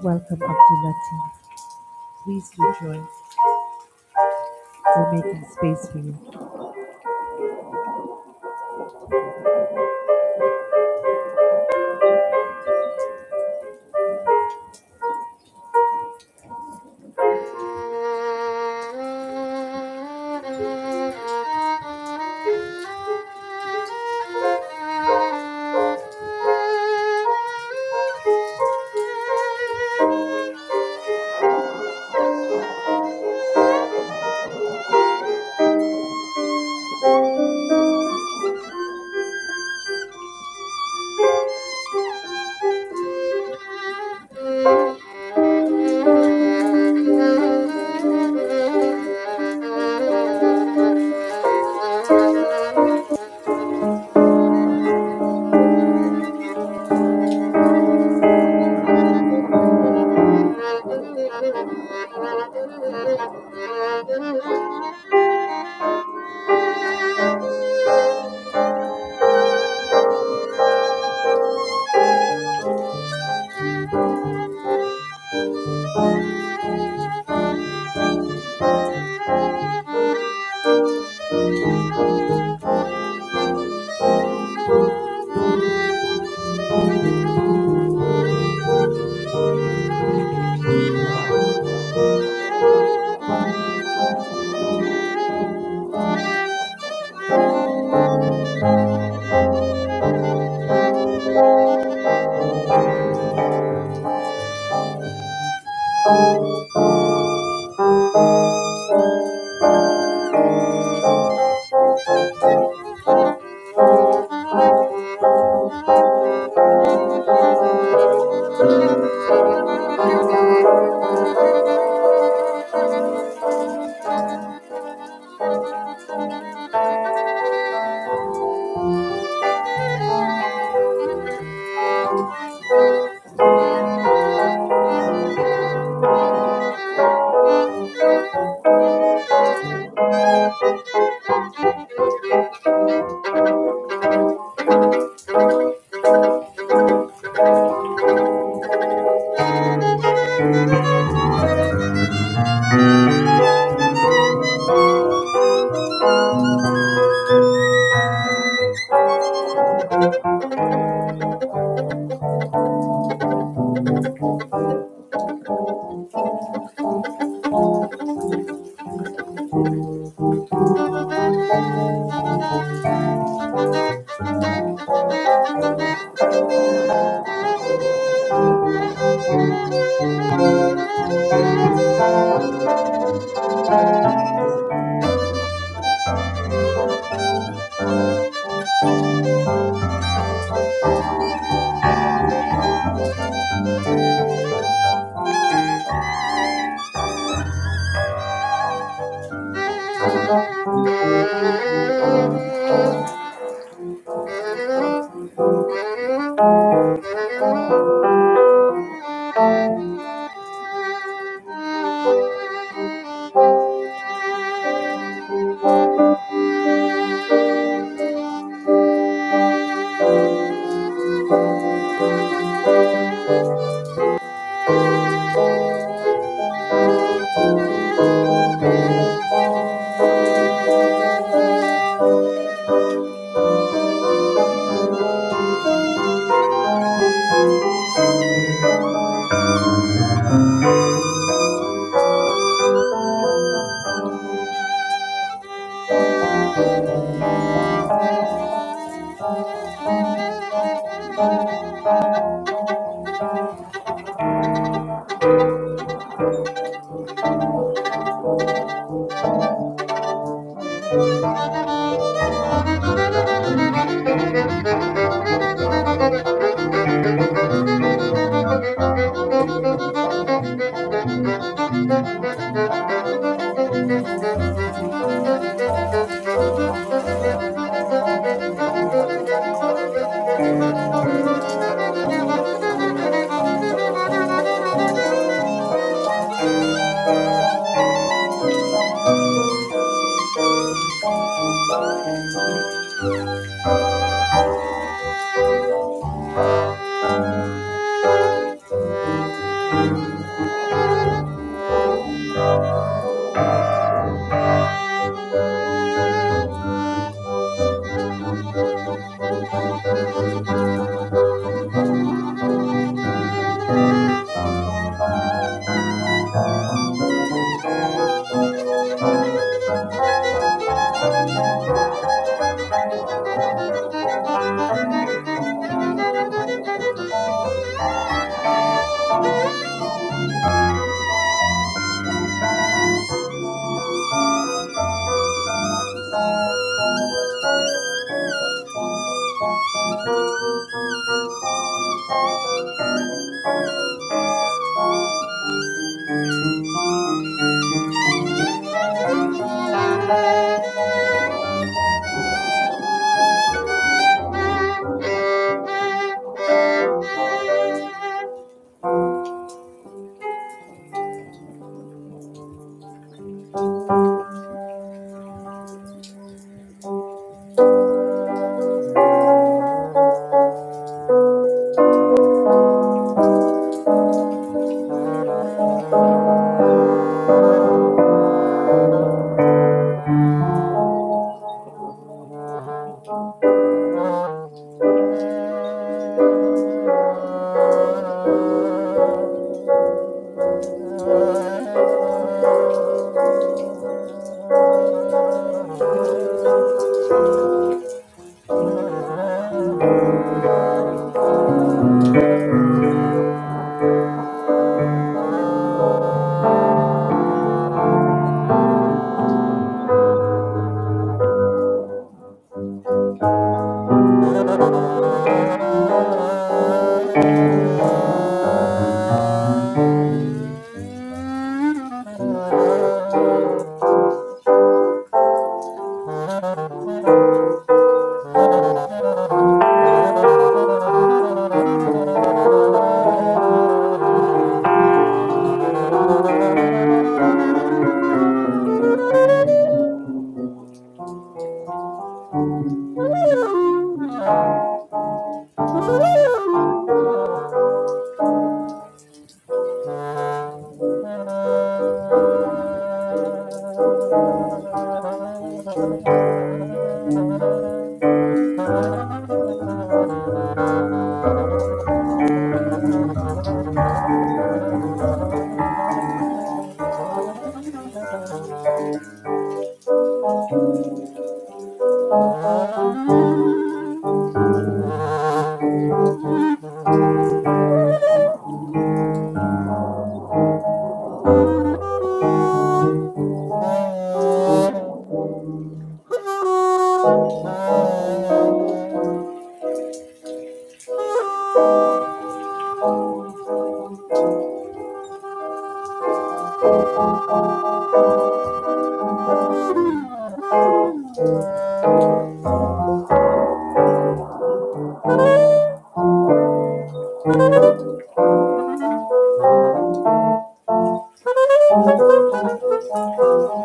welcome, Abdul Latif. Please do join. We're making space for you. Thank you. Thank you. Thank you. Thank you. Thank you. Thank you. Thank you. Thank Thank you. you. Thank Thank you. you. Thank you. Thank you. Oh. Thank you.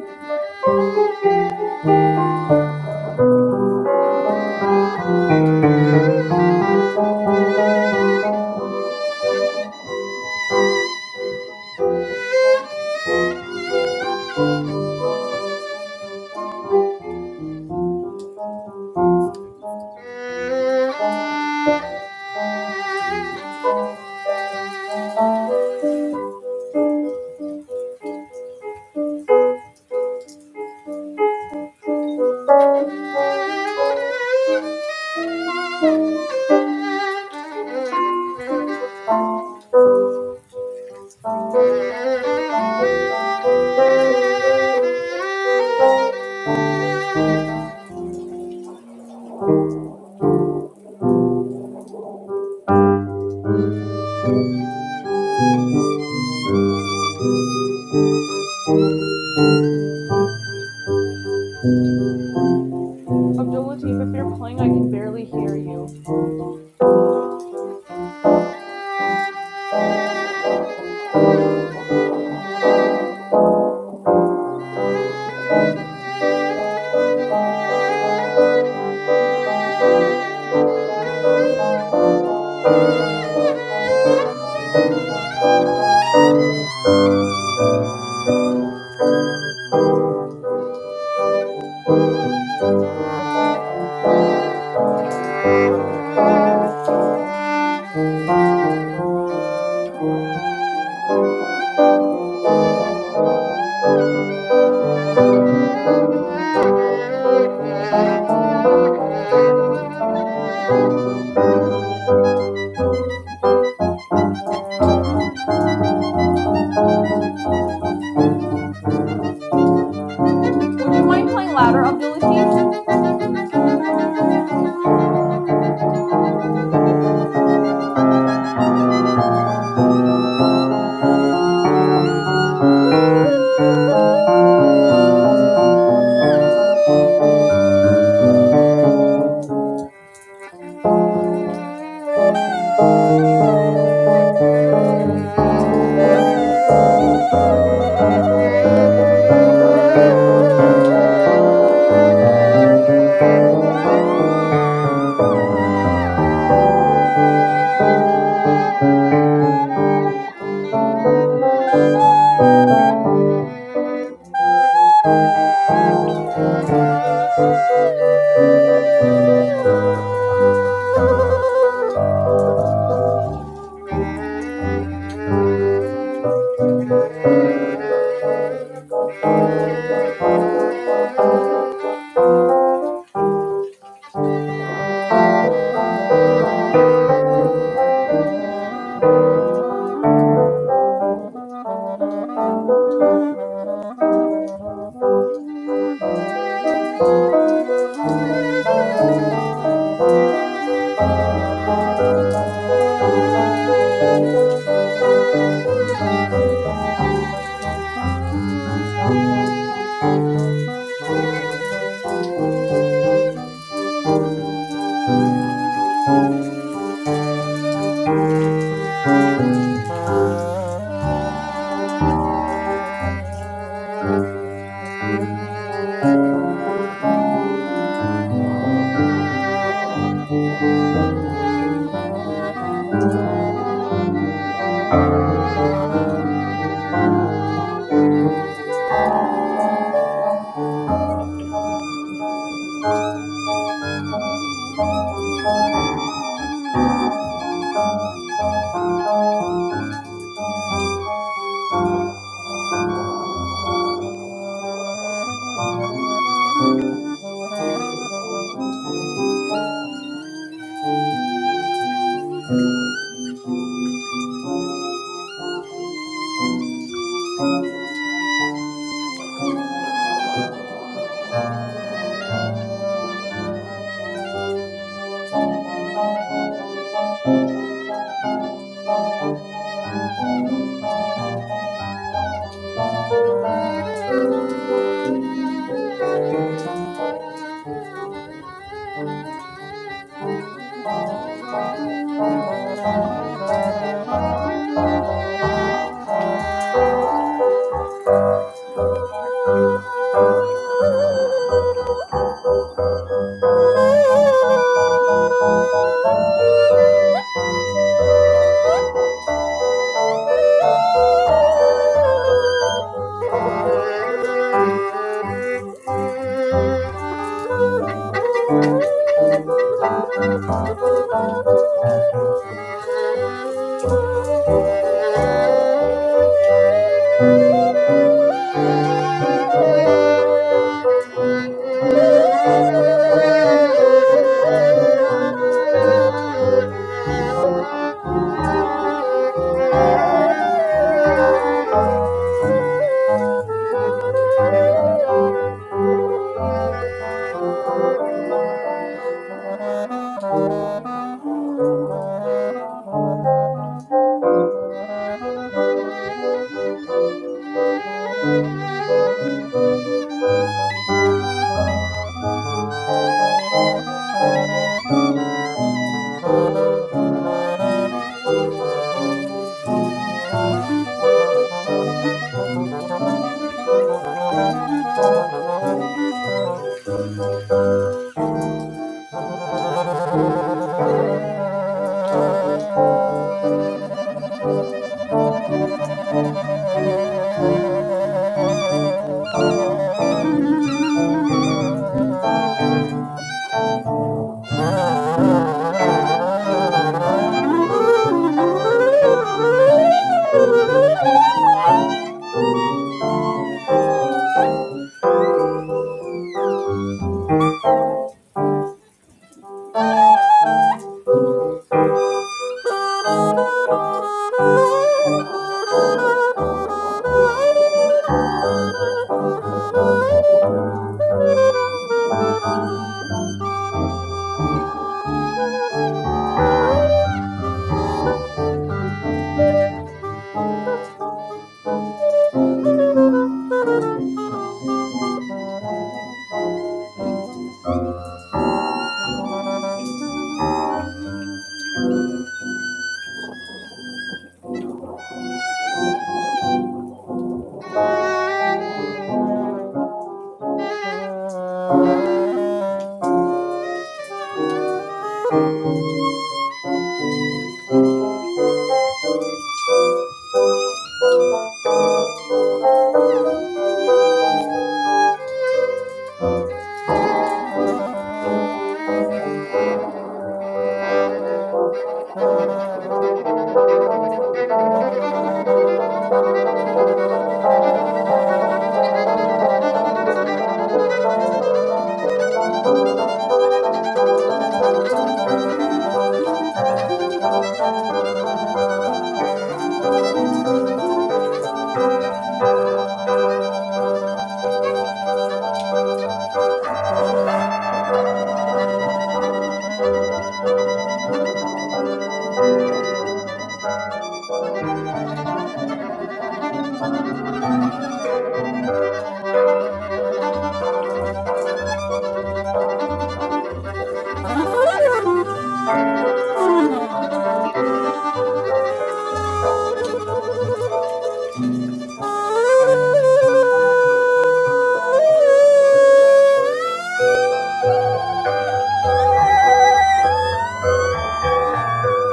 Thank you. Abdul Latif, if you're playing, I can barely hear you. Thank you. Thank you. Thank you. Thank Thank you. Thank you. you. Thank you. Thank you. Thank you. Thank Thank you. Thank you. Thank you. Thank you. you. Thank Thank you. Thank Thank you. you. Thank you. Thank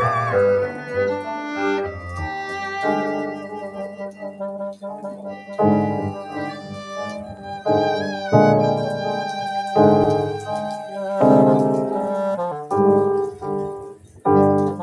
Thank Thank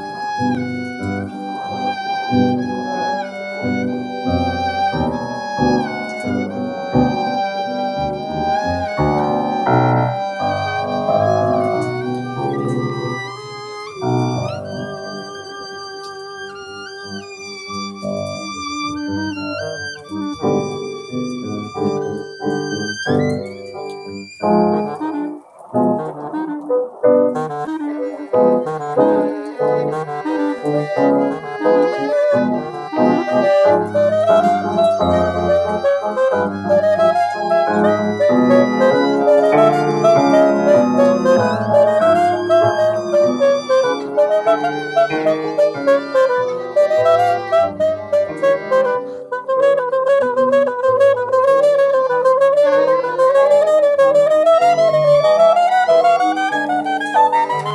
you. Thank you. you. Thank you.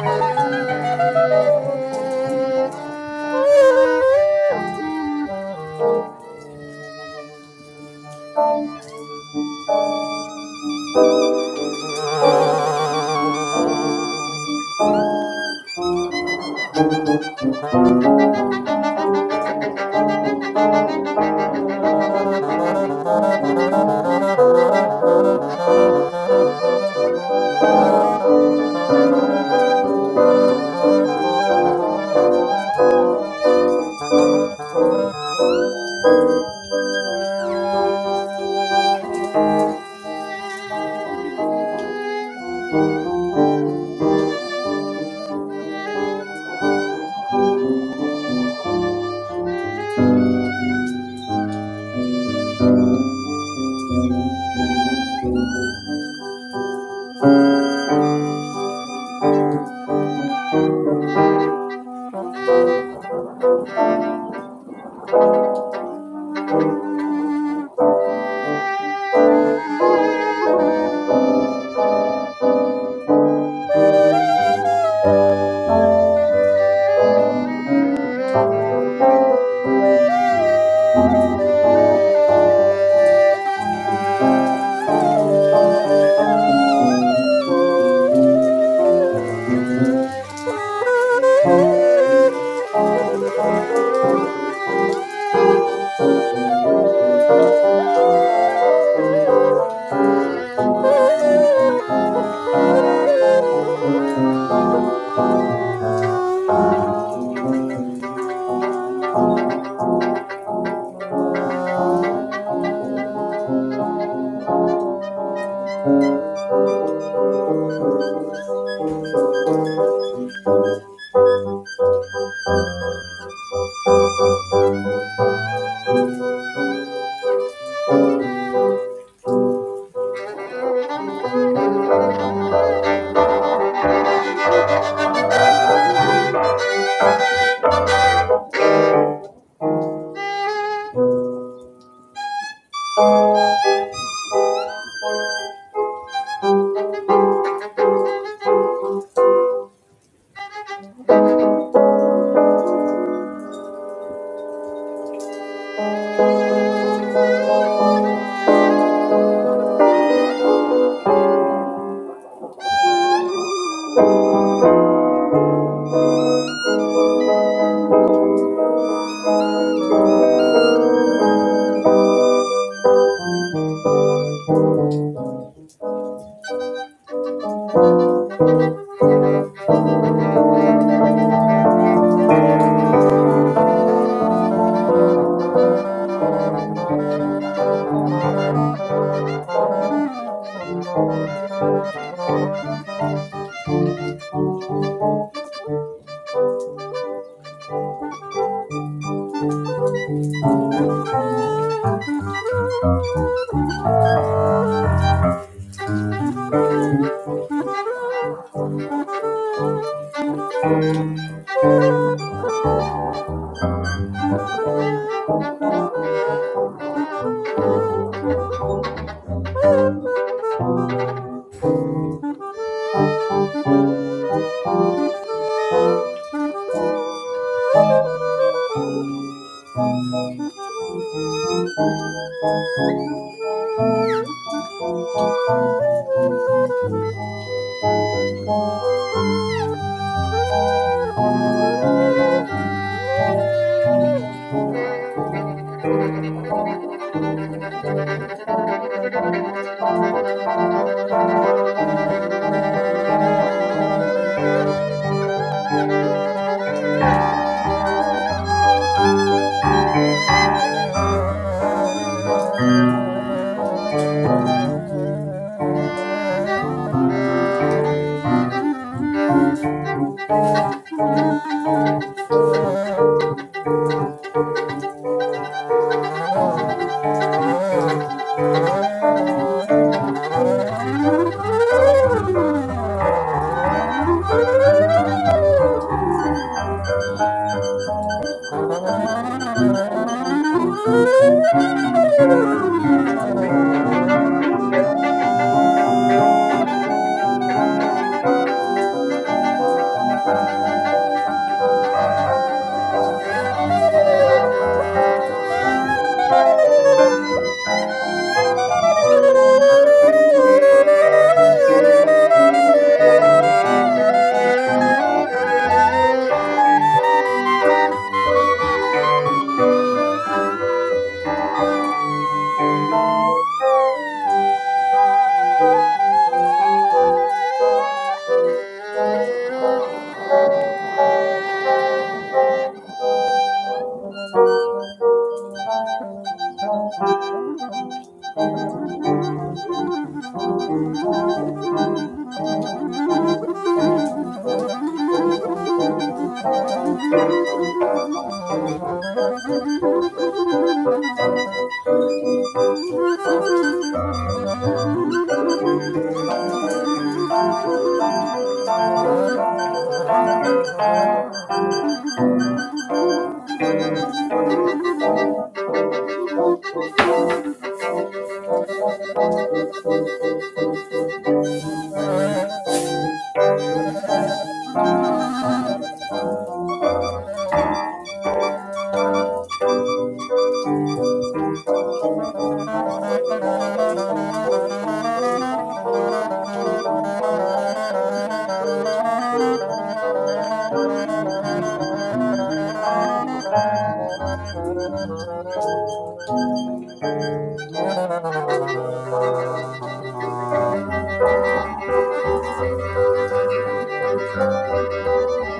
oh, you. Thank you. Thank Thank you. you. Thank Thank you. you. Thank you. Thank you. Thank you. Thank Thank you. you. Thank you. Thank Thank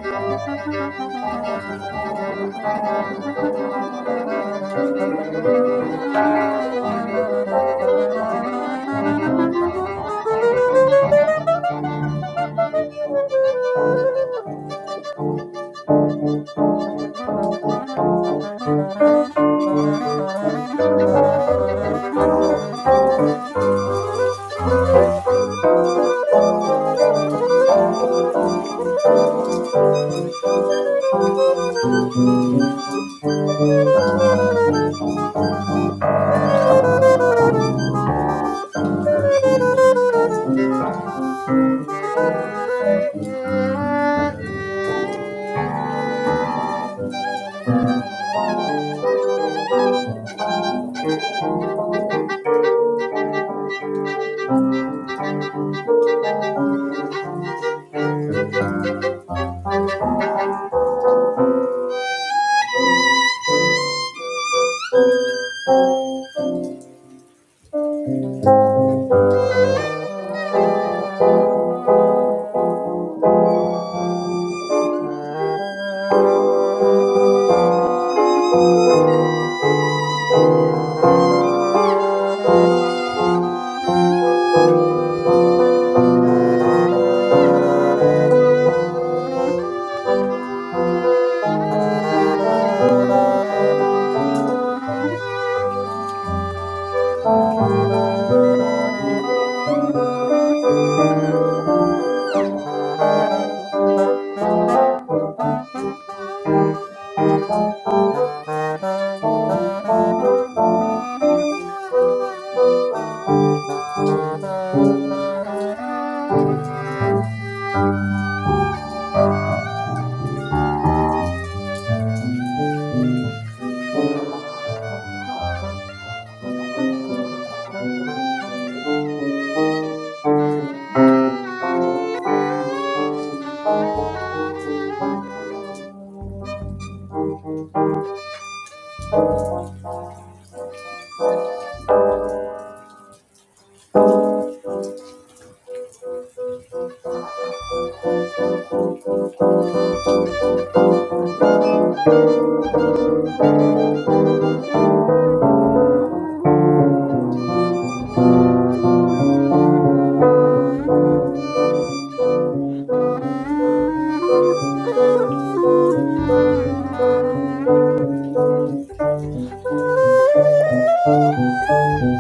you. you. Thank you. Thank you. Thank you. Thank you.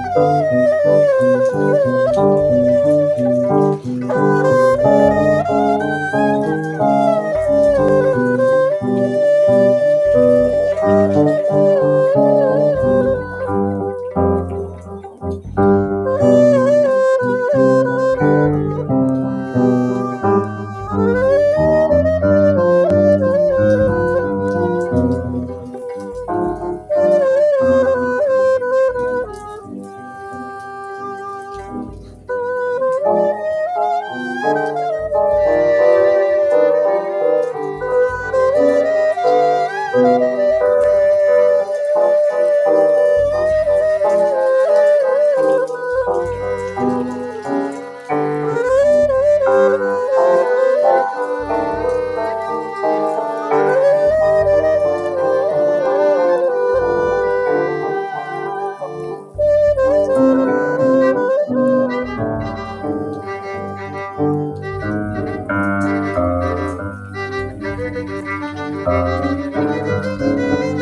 Thank you. Thank you. Thank Thank you. you. Thank you.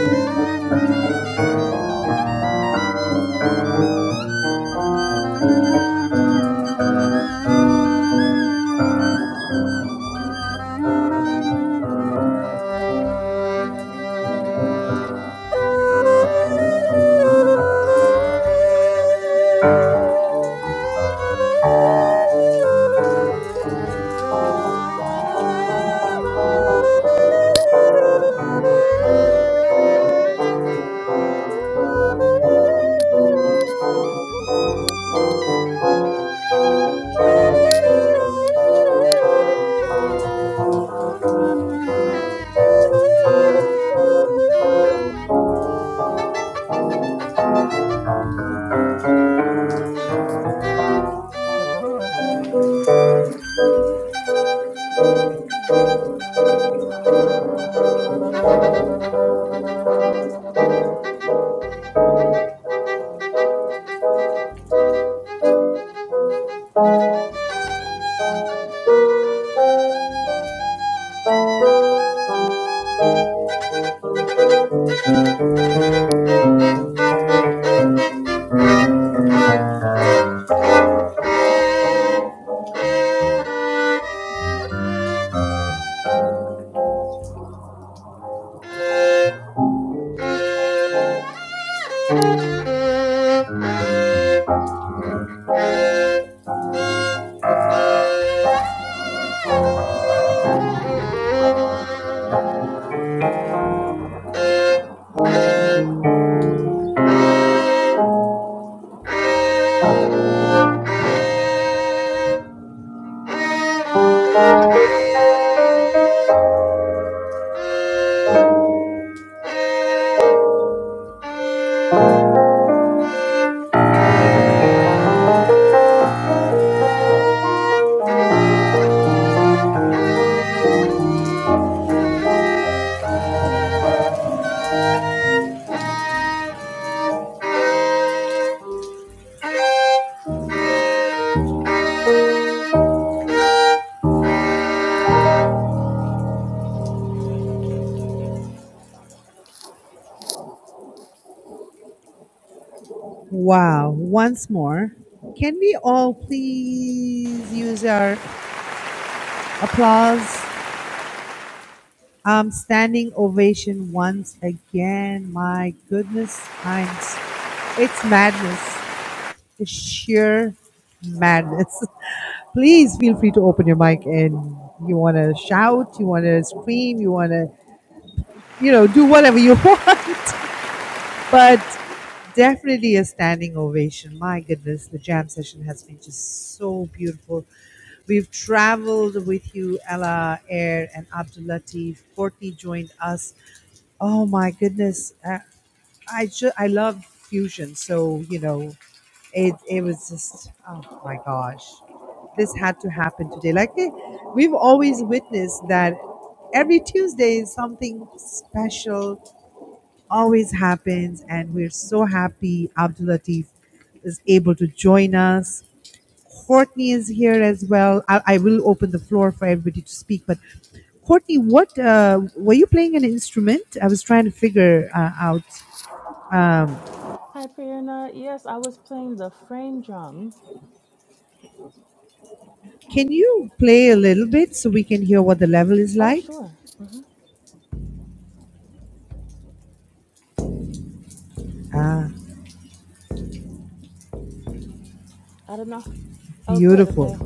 Thank Thank you. you. Thank you. Yeah, Wow. Once more, can we all please use our applause? Um, standing ovation once again. My goodness, I'm. s- It's madness. It's sheer madness. Please feel free to open your mic and you want to shout, you want to scream, you want to, you know, do whatever you want. But Definitely a standing ovation. My goodness, the jam session has been just so beautiful. We've traveled with you, Ella, Air, and Abdul Latif. Courtney joined us. Oh my goodness, uh, I ju- I love fusion. So you know, it it was just oh my gosh, this had to happen today. Like eh, we've always witnessed that every Tuesday is something special always happens, and we're so happy Abdul Latif is able to join us. Courtney is here as well. I, I will open the floor for everybody to speak. But Courtney, what uh, were you playing an instrument? I was trying to figure uh, out. Um, Hi, Priyana. Yes, I was playing the frame drum. can you play a little bit so we can hear what the level is Oh, like? sure. hmm Ah, I don't know. Oh, good. beautiful. Okay.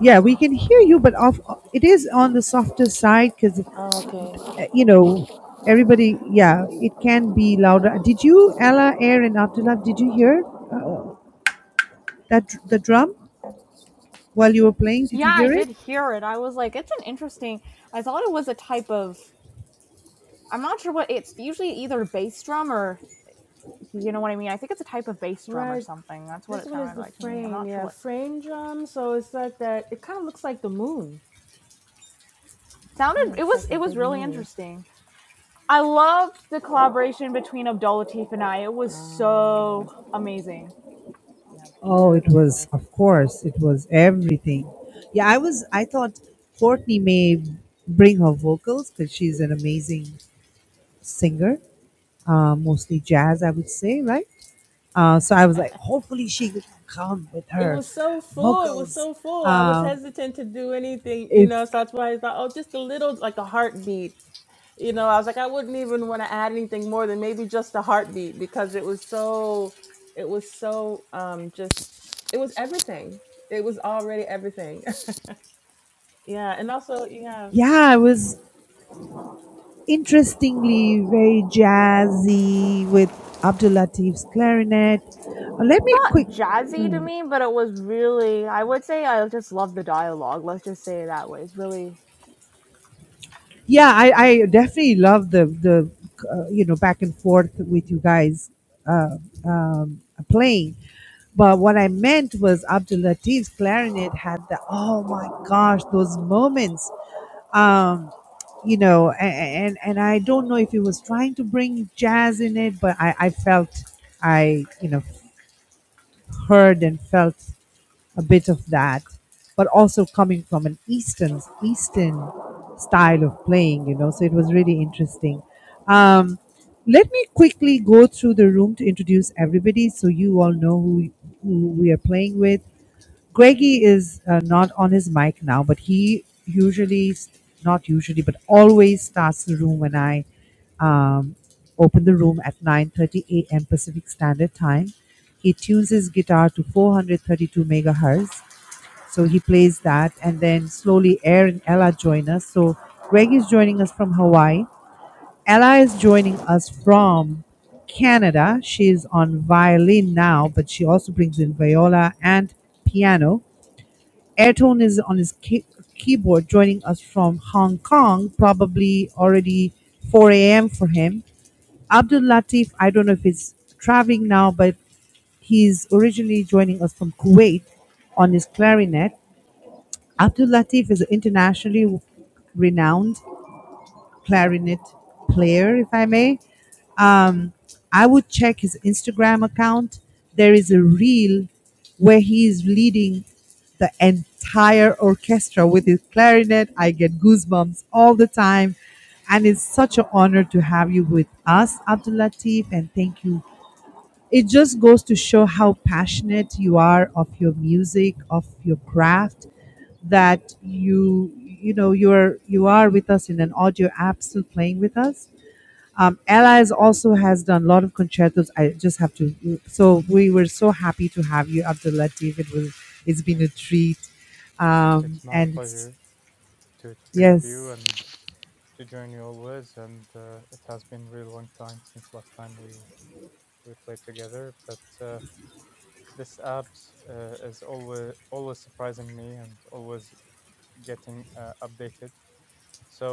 Yeah, we can hear you, but off, it is on the softer side because Oh, okay. uh, you know, everybody, yeah, it can be louder. Did you, Ella, Air, and Abdullah, did you hear that dr- the drum while you were playing? Did you I hear it? did hear it. I was like, it's an interesting. I thought it was a type of. I'm not sure what it's usually either bass drum or you know what I mean? I think it's a type of bass drum or Right. something. That's what This it one is sounded the like to me. I'm frame. not sure Yeah, what frame drum. So it's like that. It kind of looks like the moon. Kind of sounded. It looks was like a it was big really moon. interesting. I loved the collaboration between Abdul Latif and I. It was so Ah, amazing. yeah, Oh, it was, beautiful. of course, it was everything. Yeah, I was. I thought Courtney may bring her vocals because she's an amazing singer, uh, mostly jazz, I would say, right? Uh, so I was like, hopefully she could come with It her was so full. It was vocals. so full. I was Um hesitant to do anything, you it's know. So that's why I thought, oh, just a little, like a heartbeat you know, I was like, I wouldn't even want to add anything more than maybe just a heartbeat because it was so, it was so, um, just, it was everything. It was already everything. yeah. And also, yeah, yeah, I was. interestingly very jazzy with Abdul Latif's clarinet. Uh, Let me quick. Not jazzy to Mm. me, but it was really. I would say I just love the dialogue. Let's just say it that way. It's really. Yeah, I, I definitely love the the uh, you know back and forth with you guys uh, um, playing. But what I meant was Abdul Latif's clarinet had the oh my gosh those moments. Um, you know, and, and and I don't know if he was trying to bring jazz in it, but I, I felt I you know heard and felt a bit of that, but also coming from an Eastern Eastern style of playing, you know. So it was really interesting. Um, let me quickly go through the room to introduce everybody, so you all know who who we are playing with. Greggy is uh, not on his mic now, but he usually, not usually, but always starts the room when I um, open the room at 9:30 a.m. Pacific Standard Time. He tunes his guitar to 432 megahertz so he plays that, and then slowly Air and Ella join us. So Greg is joining us from Hawaii. Ella is joining us from Canada. She's on violin now, but she also brings in viola and piano. Airtone is on his key- keyboard, joining us from Hong Kong, probably already 4 a.m. for him. Abdul Latif, I don't know if he's traveling now, but he's originally joining us from Kuwait on his clarinet. Abdul Latif is an internationally renowned clarinet player, if I may. Um, I would check his Instagram account. There is a reel where he is leading the entire orchestra with his clarinet. I get goosebumps all the time. And it's such an honor to have you with us, Abdul Latif, and thank you. It just goes to show how passionate you are of your music, of your craft that you you know you're you are with us in an audio app still playing with us um, allies also has done a lot of concertos i just have to so we were so happy to have you abdulatif it was it's been a treat um, and it's, yes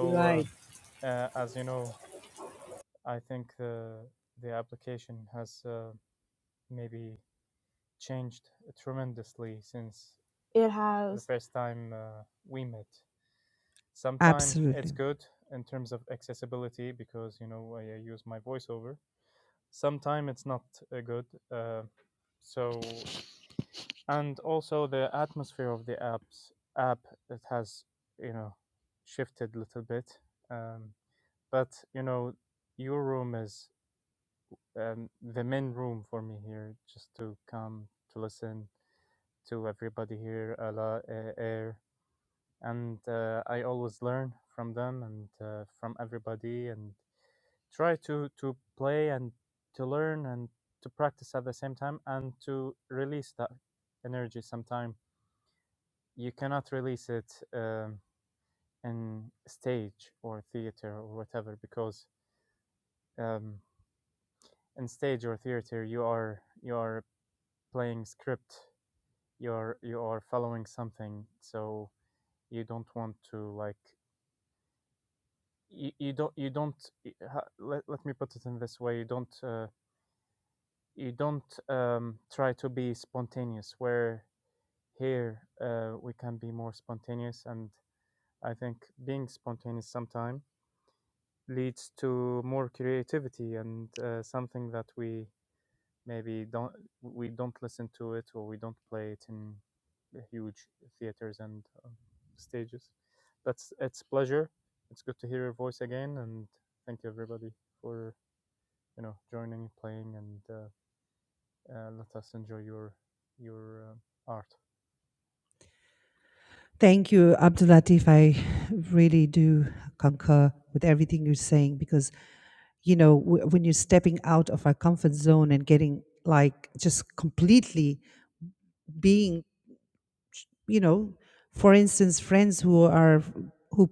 you're right It has absolutely thank you abdulatif i really do concur with everything you're saying because you know w- when you're stepping out of our comfort zone and getting like just completely being you know for instance friends who are who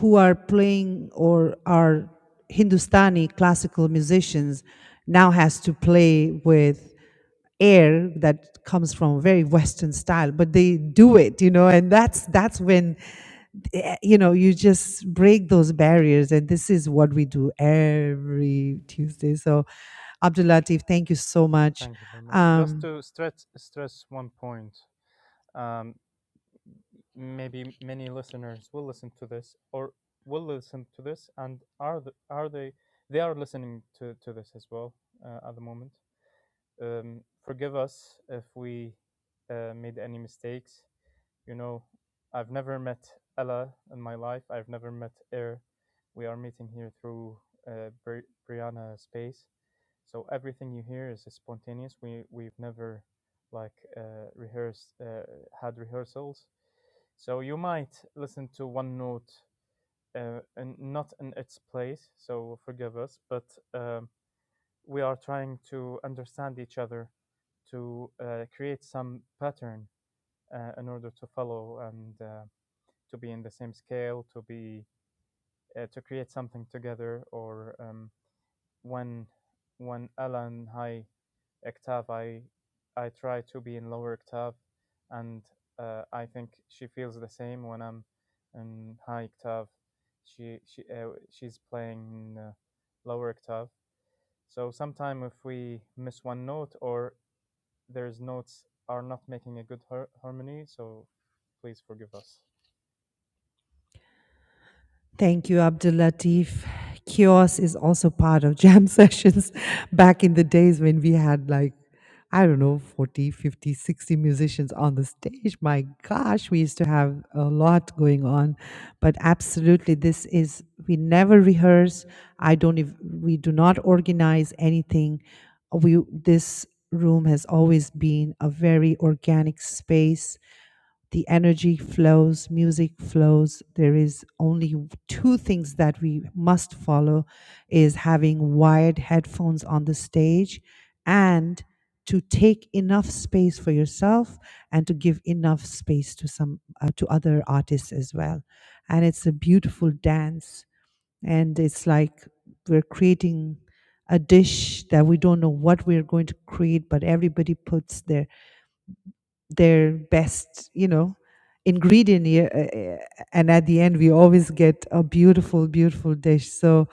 who are playing or are hindustani classical musicians now has to play with air that comes from a very western style but they do it you know and that's that's when eh, you know you just break those barriers and this is what we do every tuesday so abdul latif thank you so much um Thank you, Abdul Latif. Kiosk is also part of jam sessions back in the days when we had like, I don't know, 40, 50, 60 musicians on the stage. My gosh, we used to have a lot going on. But absolutely, this is, we never rehearse. I don't, ev- we do not organize anything. We, this room has always been a very organic space the energy flows, music flows. There is only two things that we must follow is having wired headphones on the stage and to take enough space for yourself and to give enough space to some uh, to other artists as well. And it's a beautiful dance and it's like we're creating a dish that we don't know what we're going to create but everybody puts their their best, you know, ingredient. here, uh, uh, And at the end, we always get a beautiful, beautiful dish. So,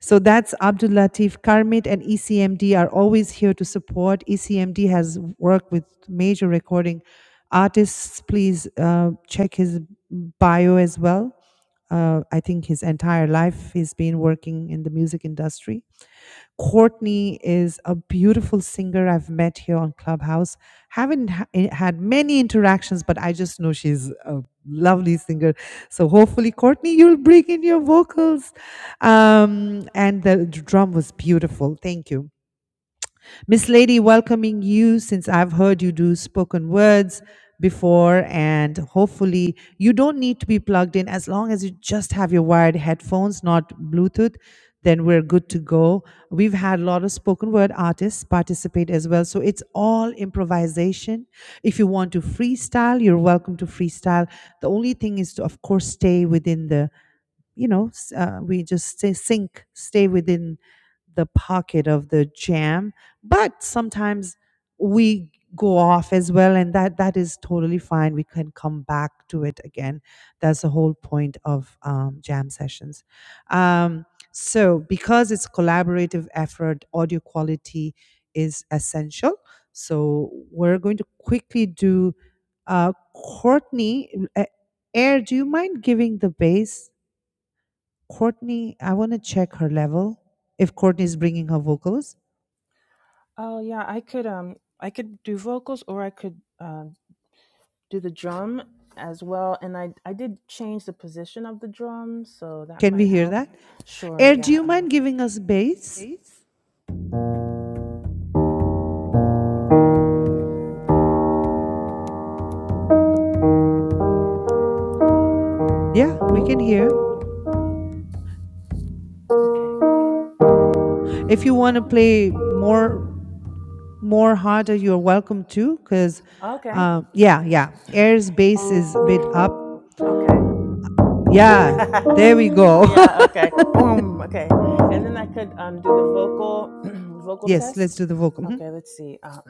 so that's Abdul Latif. Karmit and ECMD are always here to support. ECMD has worked with major recording artists. Please uh, check his bio as well. Uh, I think his entire life he's been working in the music industry Courtney is a beautiful singer I've met here on Clubhouse. Haven't ha- eh, had many interactions, but I just know she's a lovely singer. So hopefully, Courtney, you'll bring in your vocals. Um, and the drum was beautiful. Thank you. Miss Lady, welcoming you since I've heard you do spoken words before, and hopefully, you don't need to be plugged in as long as you just have your wired headphones, not Bluetooth. Then we're good to go. We've had a lot of spoken word artists participate as well. So it's all improvisation. If you want to freestyle, you're welcome to freestyle. The only thing is to, of course, stay within the you know s- uh, we just stay sink stay within the pocket of the jam but sometimes we go off as well and that that is totally fine we can come back to it again that's the whole point of um, jam sessions um, so because it's collaborative effort audio quality is essential so we're going to quickly do uh, courtney uh, air do you mind giving the bass Courtney, I want to check her level. If Courtney is bringing her vocals, Oh yeah, I could um I could do vocals or I could um do the drum as well and i i did change the position of the drum so that can might we hear help that? sure Air, do yeah you uh, mind giving us bass? Yeah, we can hear. okay If you want to play more, more harder, you're welcome to. Cause, okay uh, yeah, yeah, Air's bass is a bit up. okay Yeah, there we go. yeah okay boom okay and then i could um do the vocal vocal yes, let's test do the vocal. Mhm. okay let's see uh,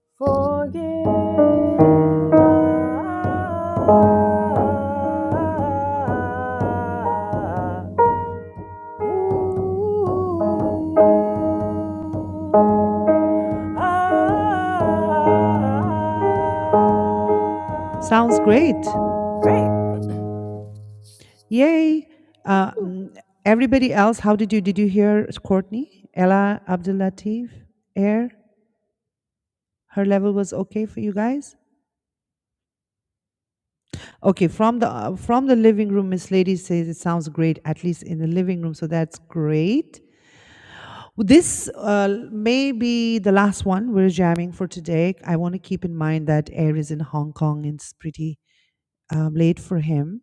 forgive us. Ooh, ah. Sounds great. Great. Yay. Uh, Ooh. mm, everybody else, how did you did you hear Courtney, Ella Abdul Latif, Air? Her level was okay for you guys? Okay, from the uh, from the living room, Miss Lady says it sounds great, at least in the living room. So that's great. This uh, may be the last one we're jamming for today. I want to keep in mind that Air is in Hong Kong and it's pretty um, late for him.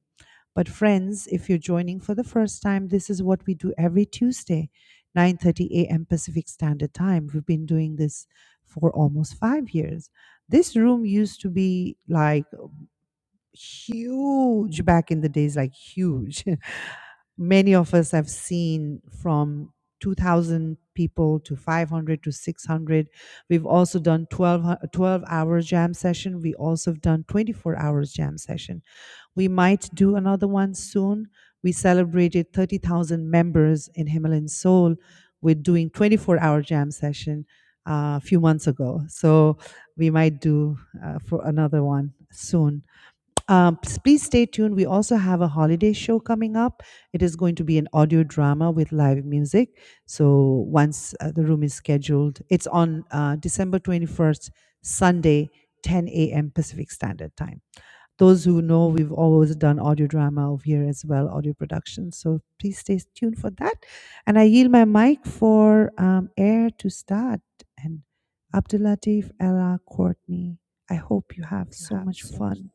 But friends, if you're joining for the first time, this is what we do every Tuesday, 9:30 a.m. Pacific Standard Time. We've been doing this for almost 5 years. This room used to be like huge back in the days, like huge. Many of us have seen from 2,000 people to 500 to 600. We've also done 12, hu- 12 hour jam session. We also have done 24 hours jam session. We might do another one soon. We celebrated 30,000 members in Himalayan Soul with doing 24 hour jam session uh, a few months ago. So we might do uh, for another one soon um, s- please stay tuned. We also have a holiday show coming up. It is going to be an audio drama with live music. So once uh, the room is scheduled, it's on uh, December 21st, Sunday, 10 a.m. Pacific Standard Time. Those who know, we've always done audio drama over here as well, audio production. So please stay tuned for that. And I yield my mic for um, air to start. And Abdulatif, Ella, Courtney, I hope you have so much fun.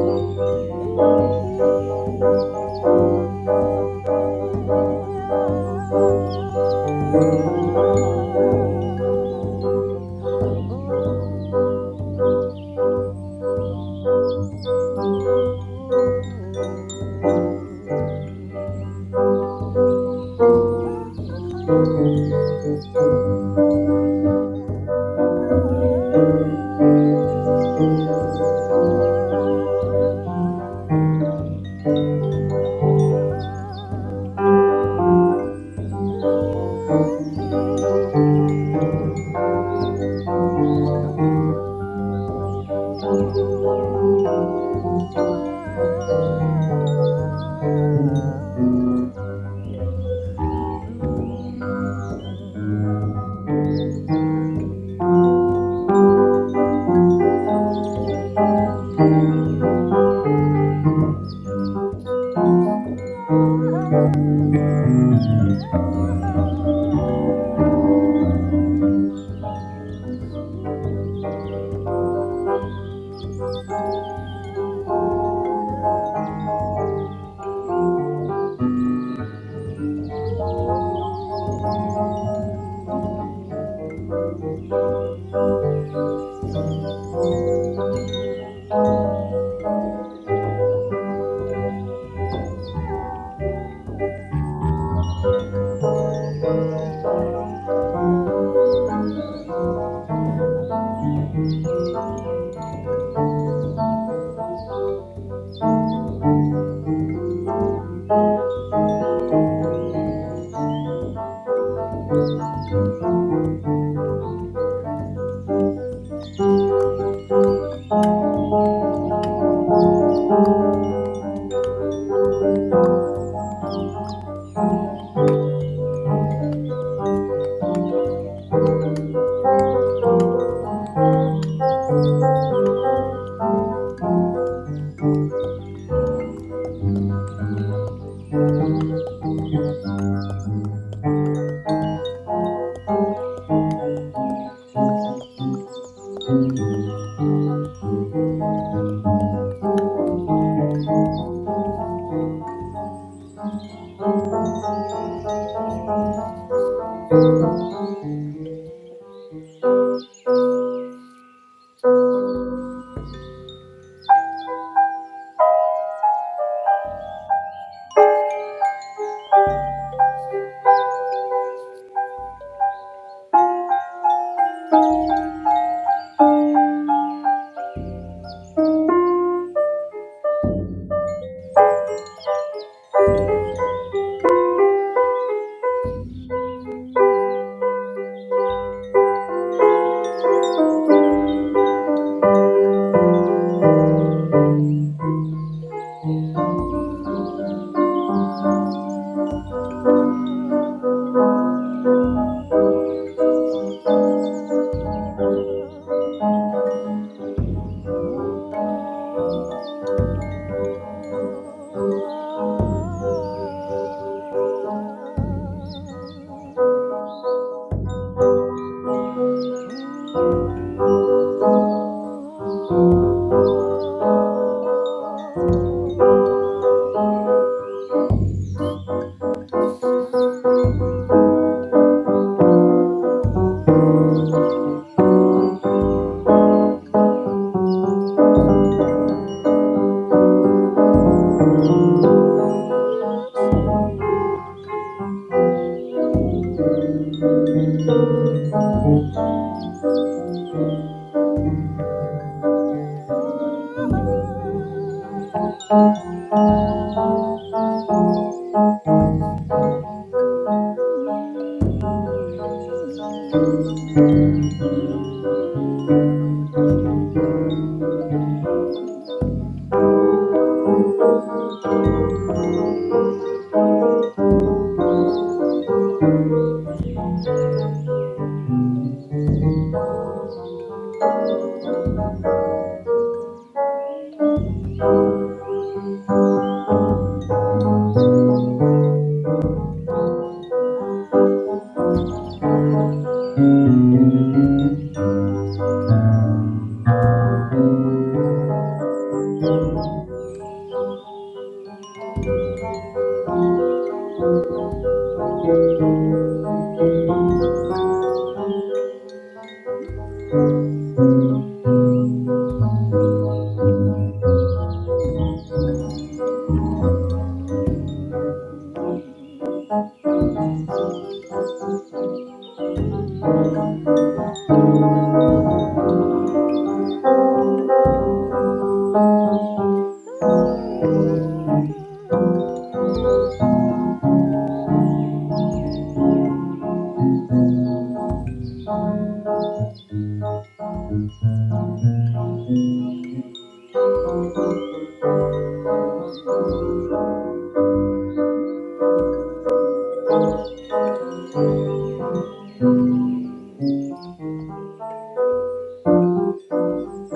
Ah. Oh Mm-hmm. Thank you. Oh Thank you. Thank you. Thank you.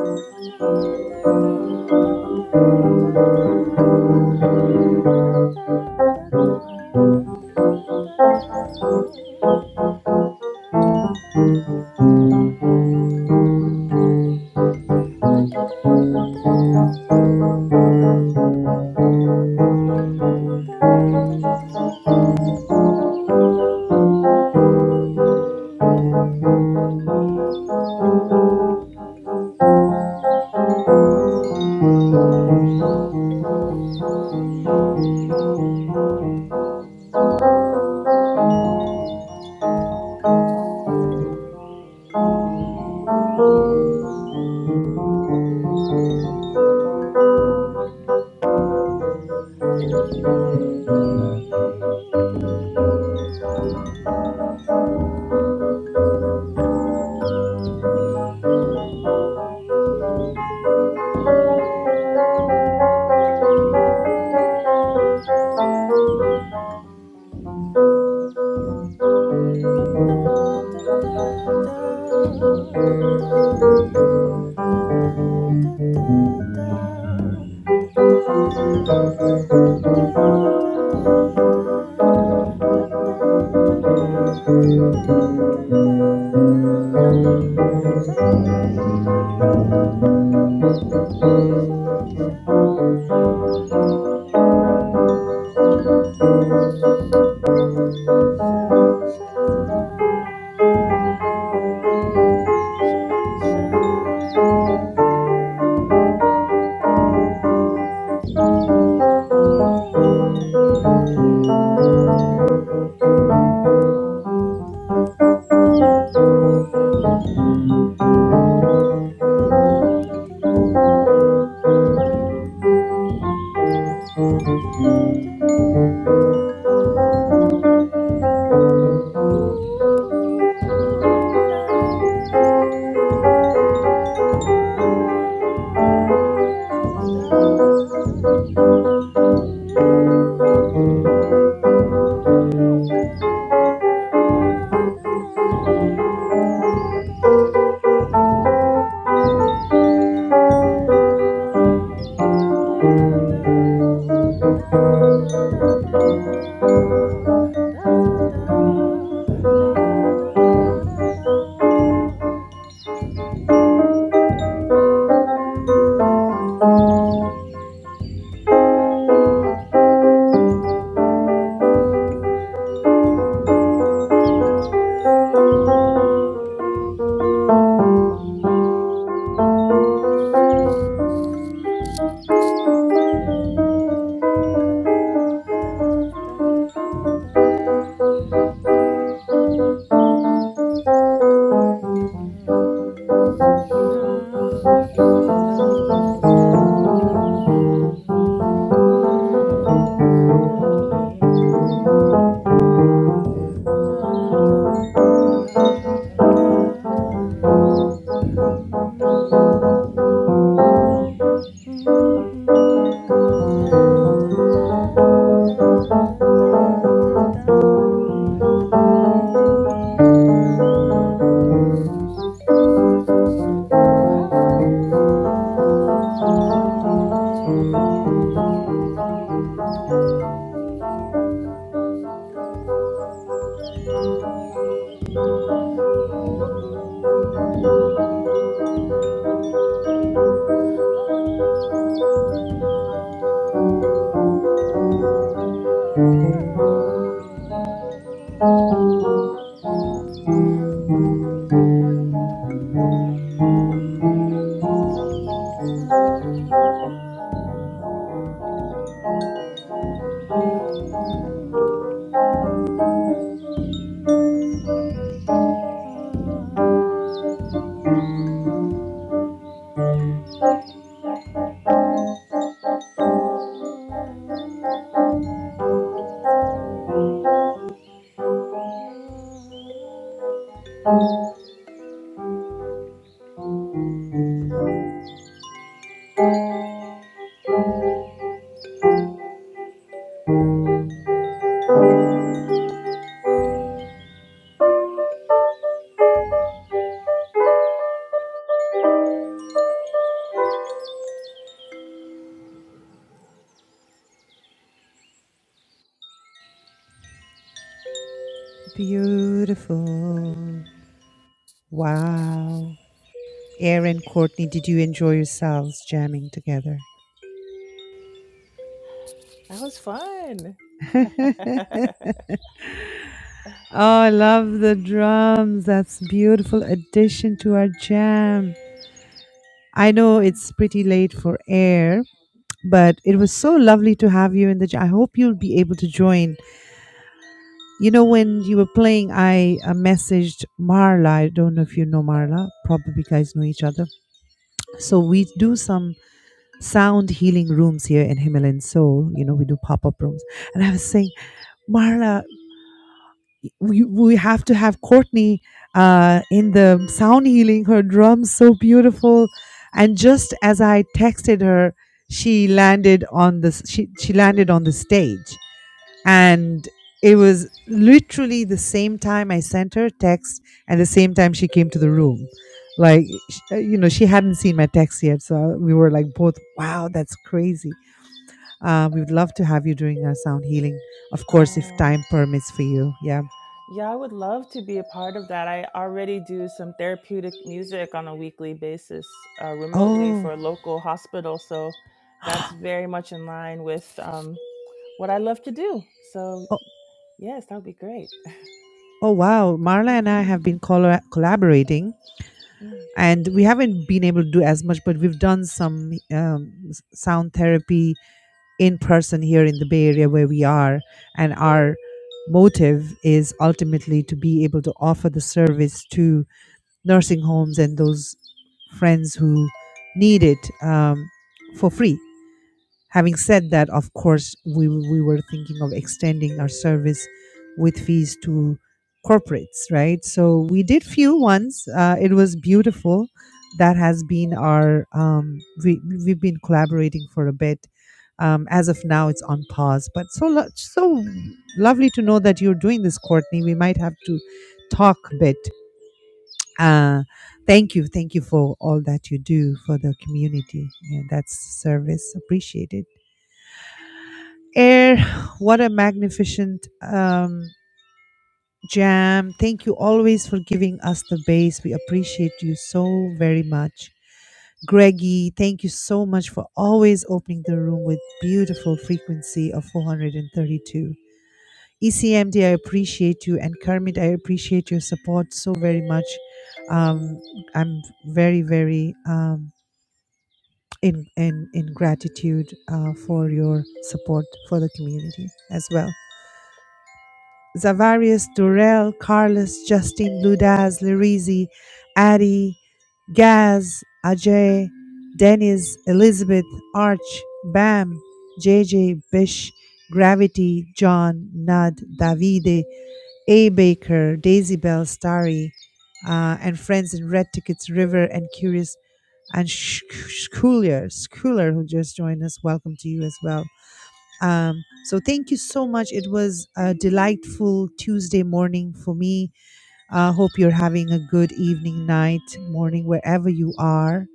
Na da da da da da da da. Da da da da da da da. Da da da da. Da da da da. Da, da, da, da. Mm. Thank you. Shine, shine, shine. Shine, shine, shine, shine. Da, da, da. Da, da, da, da. Da, da, da, da. Da, da, da, da. Da da da da da da da da. Mm. Ooh. Da da da da da da da da. Mm-hmm. Ah. Beautiful. Wow. Aaron, Courtney, did you enjoy yourselves jamming together? That was fun. oh, I love the drums. That's beautiful addition to our jam. I know Thanks. it's pretty late for air, but it was so lovely to have you in the jam. I hope you'll be able to join You know, when you were playing, I uh, messaged Marla. I don't know if you know Marla. Probably you guys know each other. So we do some sound healing rooms here in Himalayan Soul. You know, we do pop up rooms. And I was saying, Marla, we, we have to have Courtney uh, in the sound healing. Her drums so beautiful. And just as I texted her, she landed on the she she landed on the stage and it was literally the same time I sent her a text and the same time she came to the room. Like, sh- uh, you know, she hadn't seen my text yet. So we were like both, wow, that's crazy. Uh, we would love to have you during our sound healing. Of course, if Oh. time permits for you. Yeah. Yeah, I would love to be a part of that. I already do some therapeutic music on a weekly basis uh, remotely Oh, for a local hospital. So that's very much in line with um, what I love to do. So, oh, yes, that would be great. oh wow. Marla and I have Mhm. been colla collaborating Mm. and we haven't been able to do as much, but we've done some um, s- sound therapy in person here in the Bay Area where we are. And our motive is ultimately to be able to offer the service to nursing homes and those friends who need it um, for free. Having said that, of course, we, we were thinking of extending our service with fees to corporates, right? So we did few ones. Uh, it was beautiful. That has been our, um, we, we've been collaborating for a bit. Um, as of now, it's on pause, but so lo- so lovely to know that you're doing this, Courtney. We might have to talk a bit. Uh, thank you, thank you for all that you do for the community. Yeah, that's service appreciated. Air, what a magnificent um, jam. Thank you always for giving us the bass. We appreciate you so very much. Greggy, thank you so much for always opening the room with beautiful frequency of 432. ECMD, I appreciate you. And Kermit, I appreciate your support so very much. Um, I'm very, very um, in, in, in gratitude uh, for your support for the community as well. Zavarius, Durrell, Carlos, Justin, Ludaz, Lirizi, Addy, Gaz, Ajay, Dennis, Elizabeth, Arch, Bam, JJ, Bish, Gravity, John, Nud, Davide, A. Baker, Daisy Bell, Starry, uh, and friends in Red Tickets, River, and Curious, and Schooler, Schooler, who just joined us. Welcome to you as well. Um, so thank you so much. It was a delightful Tuesday morning for me. uh, hope you're having a good evening, night, morning, wherever you are.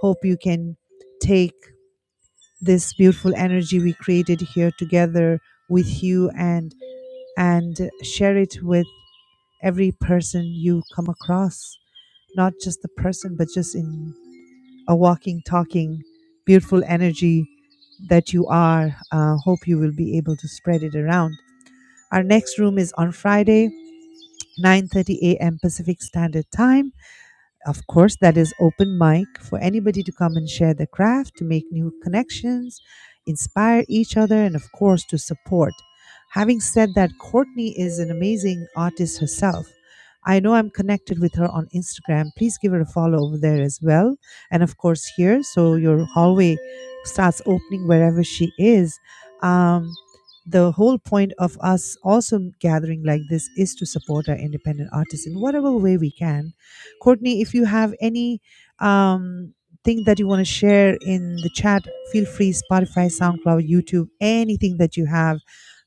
Hope you can take this beautiful energy we created here together with you and and share it with every person you come across. Not just the person, but just in a walking, talking, beautiful energy that you are. Uh, hope you will be able to spread it around. Our next room is on Friday, 9:30 a.m. Pacific Standard Time. Of course, that is open mic for anybody to come and share their craft, to make new connections, inspire each other, and of course, to support. Having said that, Courtney is an amazing artist herself. I know I'm connected with her on Instagram. Please give her a follow over there as well. And of course, here, so your hallway starts opening wherever she is. Um, the whole point of us also gathering like this is to support our independent artists in whatever way we can Courtney, if you have any um, thing that you want to share in the chat, feel free. Spotify, SoundCloud, YouTube, anything that you have,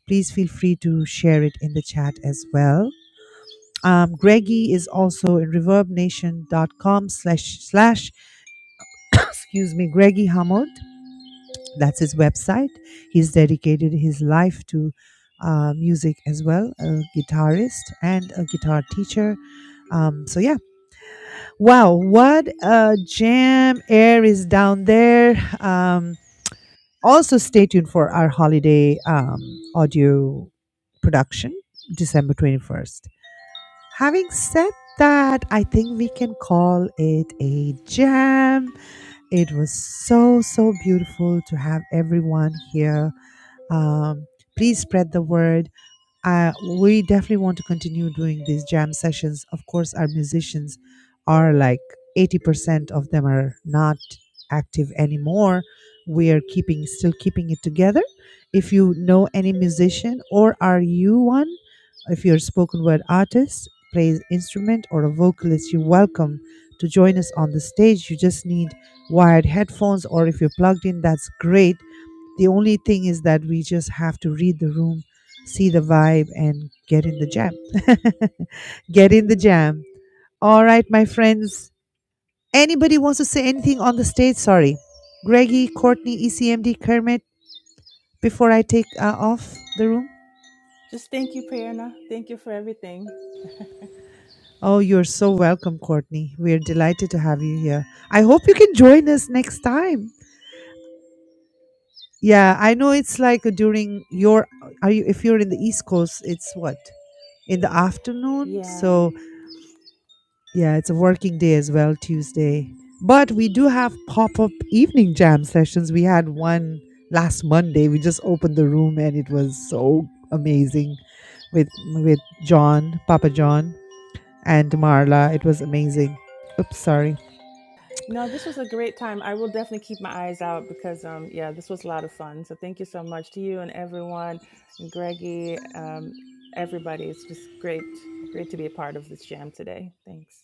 please feel free to share it in the chat as well. Um, Greggy is also in reverbnation.com slash slash, excuse me, Greggy Hamod. That's his website. He's dedicated his life to uh, music as well, a guitarist and a guitar teacher. Um, so yeah, Wow, what a jam air is down there. Um, also, stay tuned for our holiday um, audio production, December 21st. Having said that, I think we can call it a jam. It was so, so beautiful to have everyone here. Um, please spread the word uh, we definitely want to continue doing these jam sessions. Of course, our musicians are like 80% of them are not active anymore. We are keeping, still keeping it together. If you know any musician or are you one, if you're a spoken word artist, plays instrument or a vocalist, you're welcome to join us on the stage. You just need wired headphones or if you're plugged in, that's great. The only thing is that we just have to read the room, see the vibe, and get in the jam. get in the jam. All right, my friends. Anybody wants to say anything on the stage? Sorry. Greggy, Courtney, ECMD, Kermit, before I take uh, off the room? Just thank you, Prerna. Thank you for everything. Oh, you're so welcome, Courtney. We're delighted to have you here. I hope you can join us next time. Yeah, I know it's like during your are you if you're in the East Coast, it's what? In the afternoon. Yeah. So Yeah, it's a working day as well, Tuesday. But we do have pop up evening jam sessions. We had one last Monday. We just opened the room and it was so amazing with with John, Papa John, and Marla. It was amazing. Oops, sorry. No, this was a great time. I will definitely keep my eyes out because, um, yeah, this was a lot of fun. So thank you so much to you and everyone, and Greggy, um, everybody. It's just great, great to be a part of this jam today. Thanks.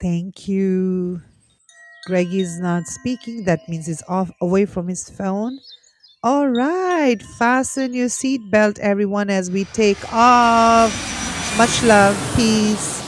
Thank you. Greg is not speaking. That means he's off away from his phone. All right. Fasten your seatbelt, everyone, as we take off. Much love. Peace.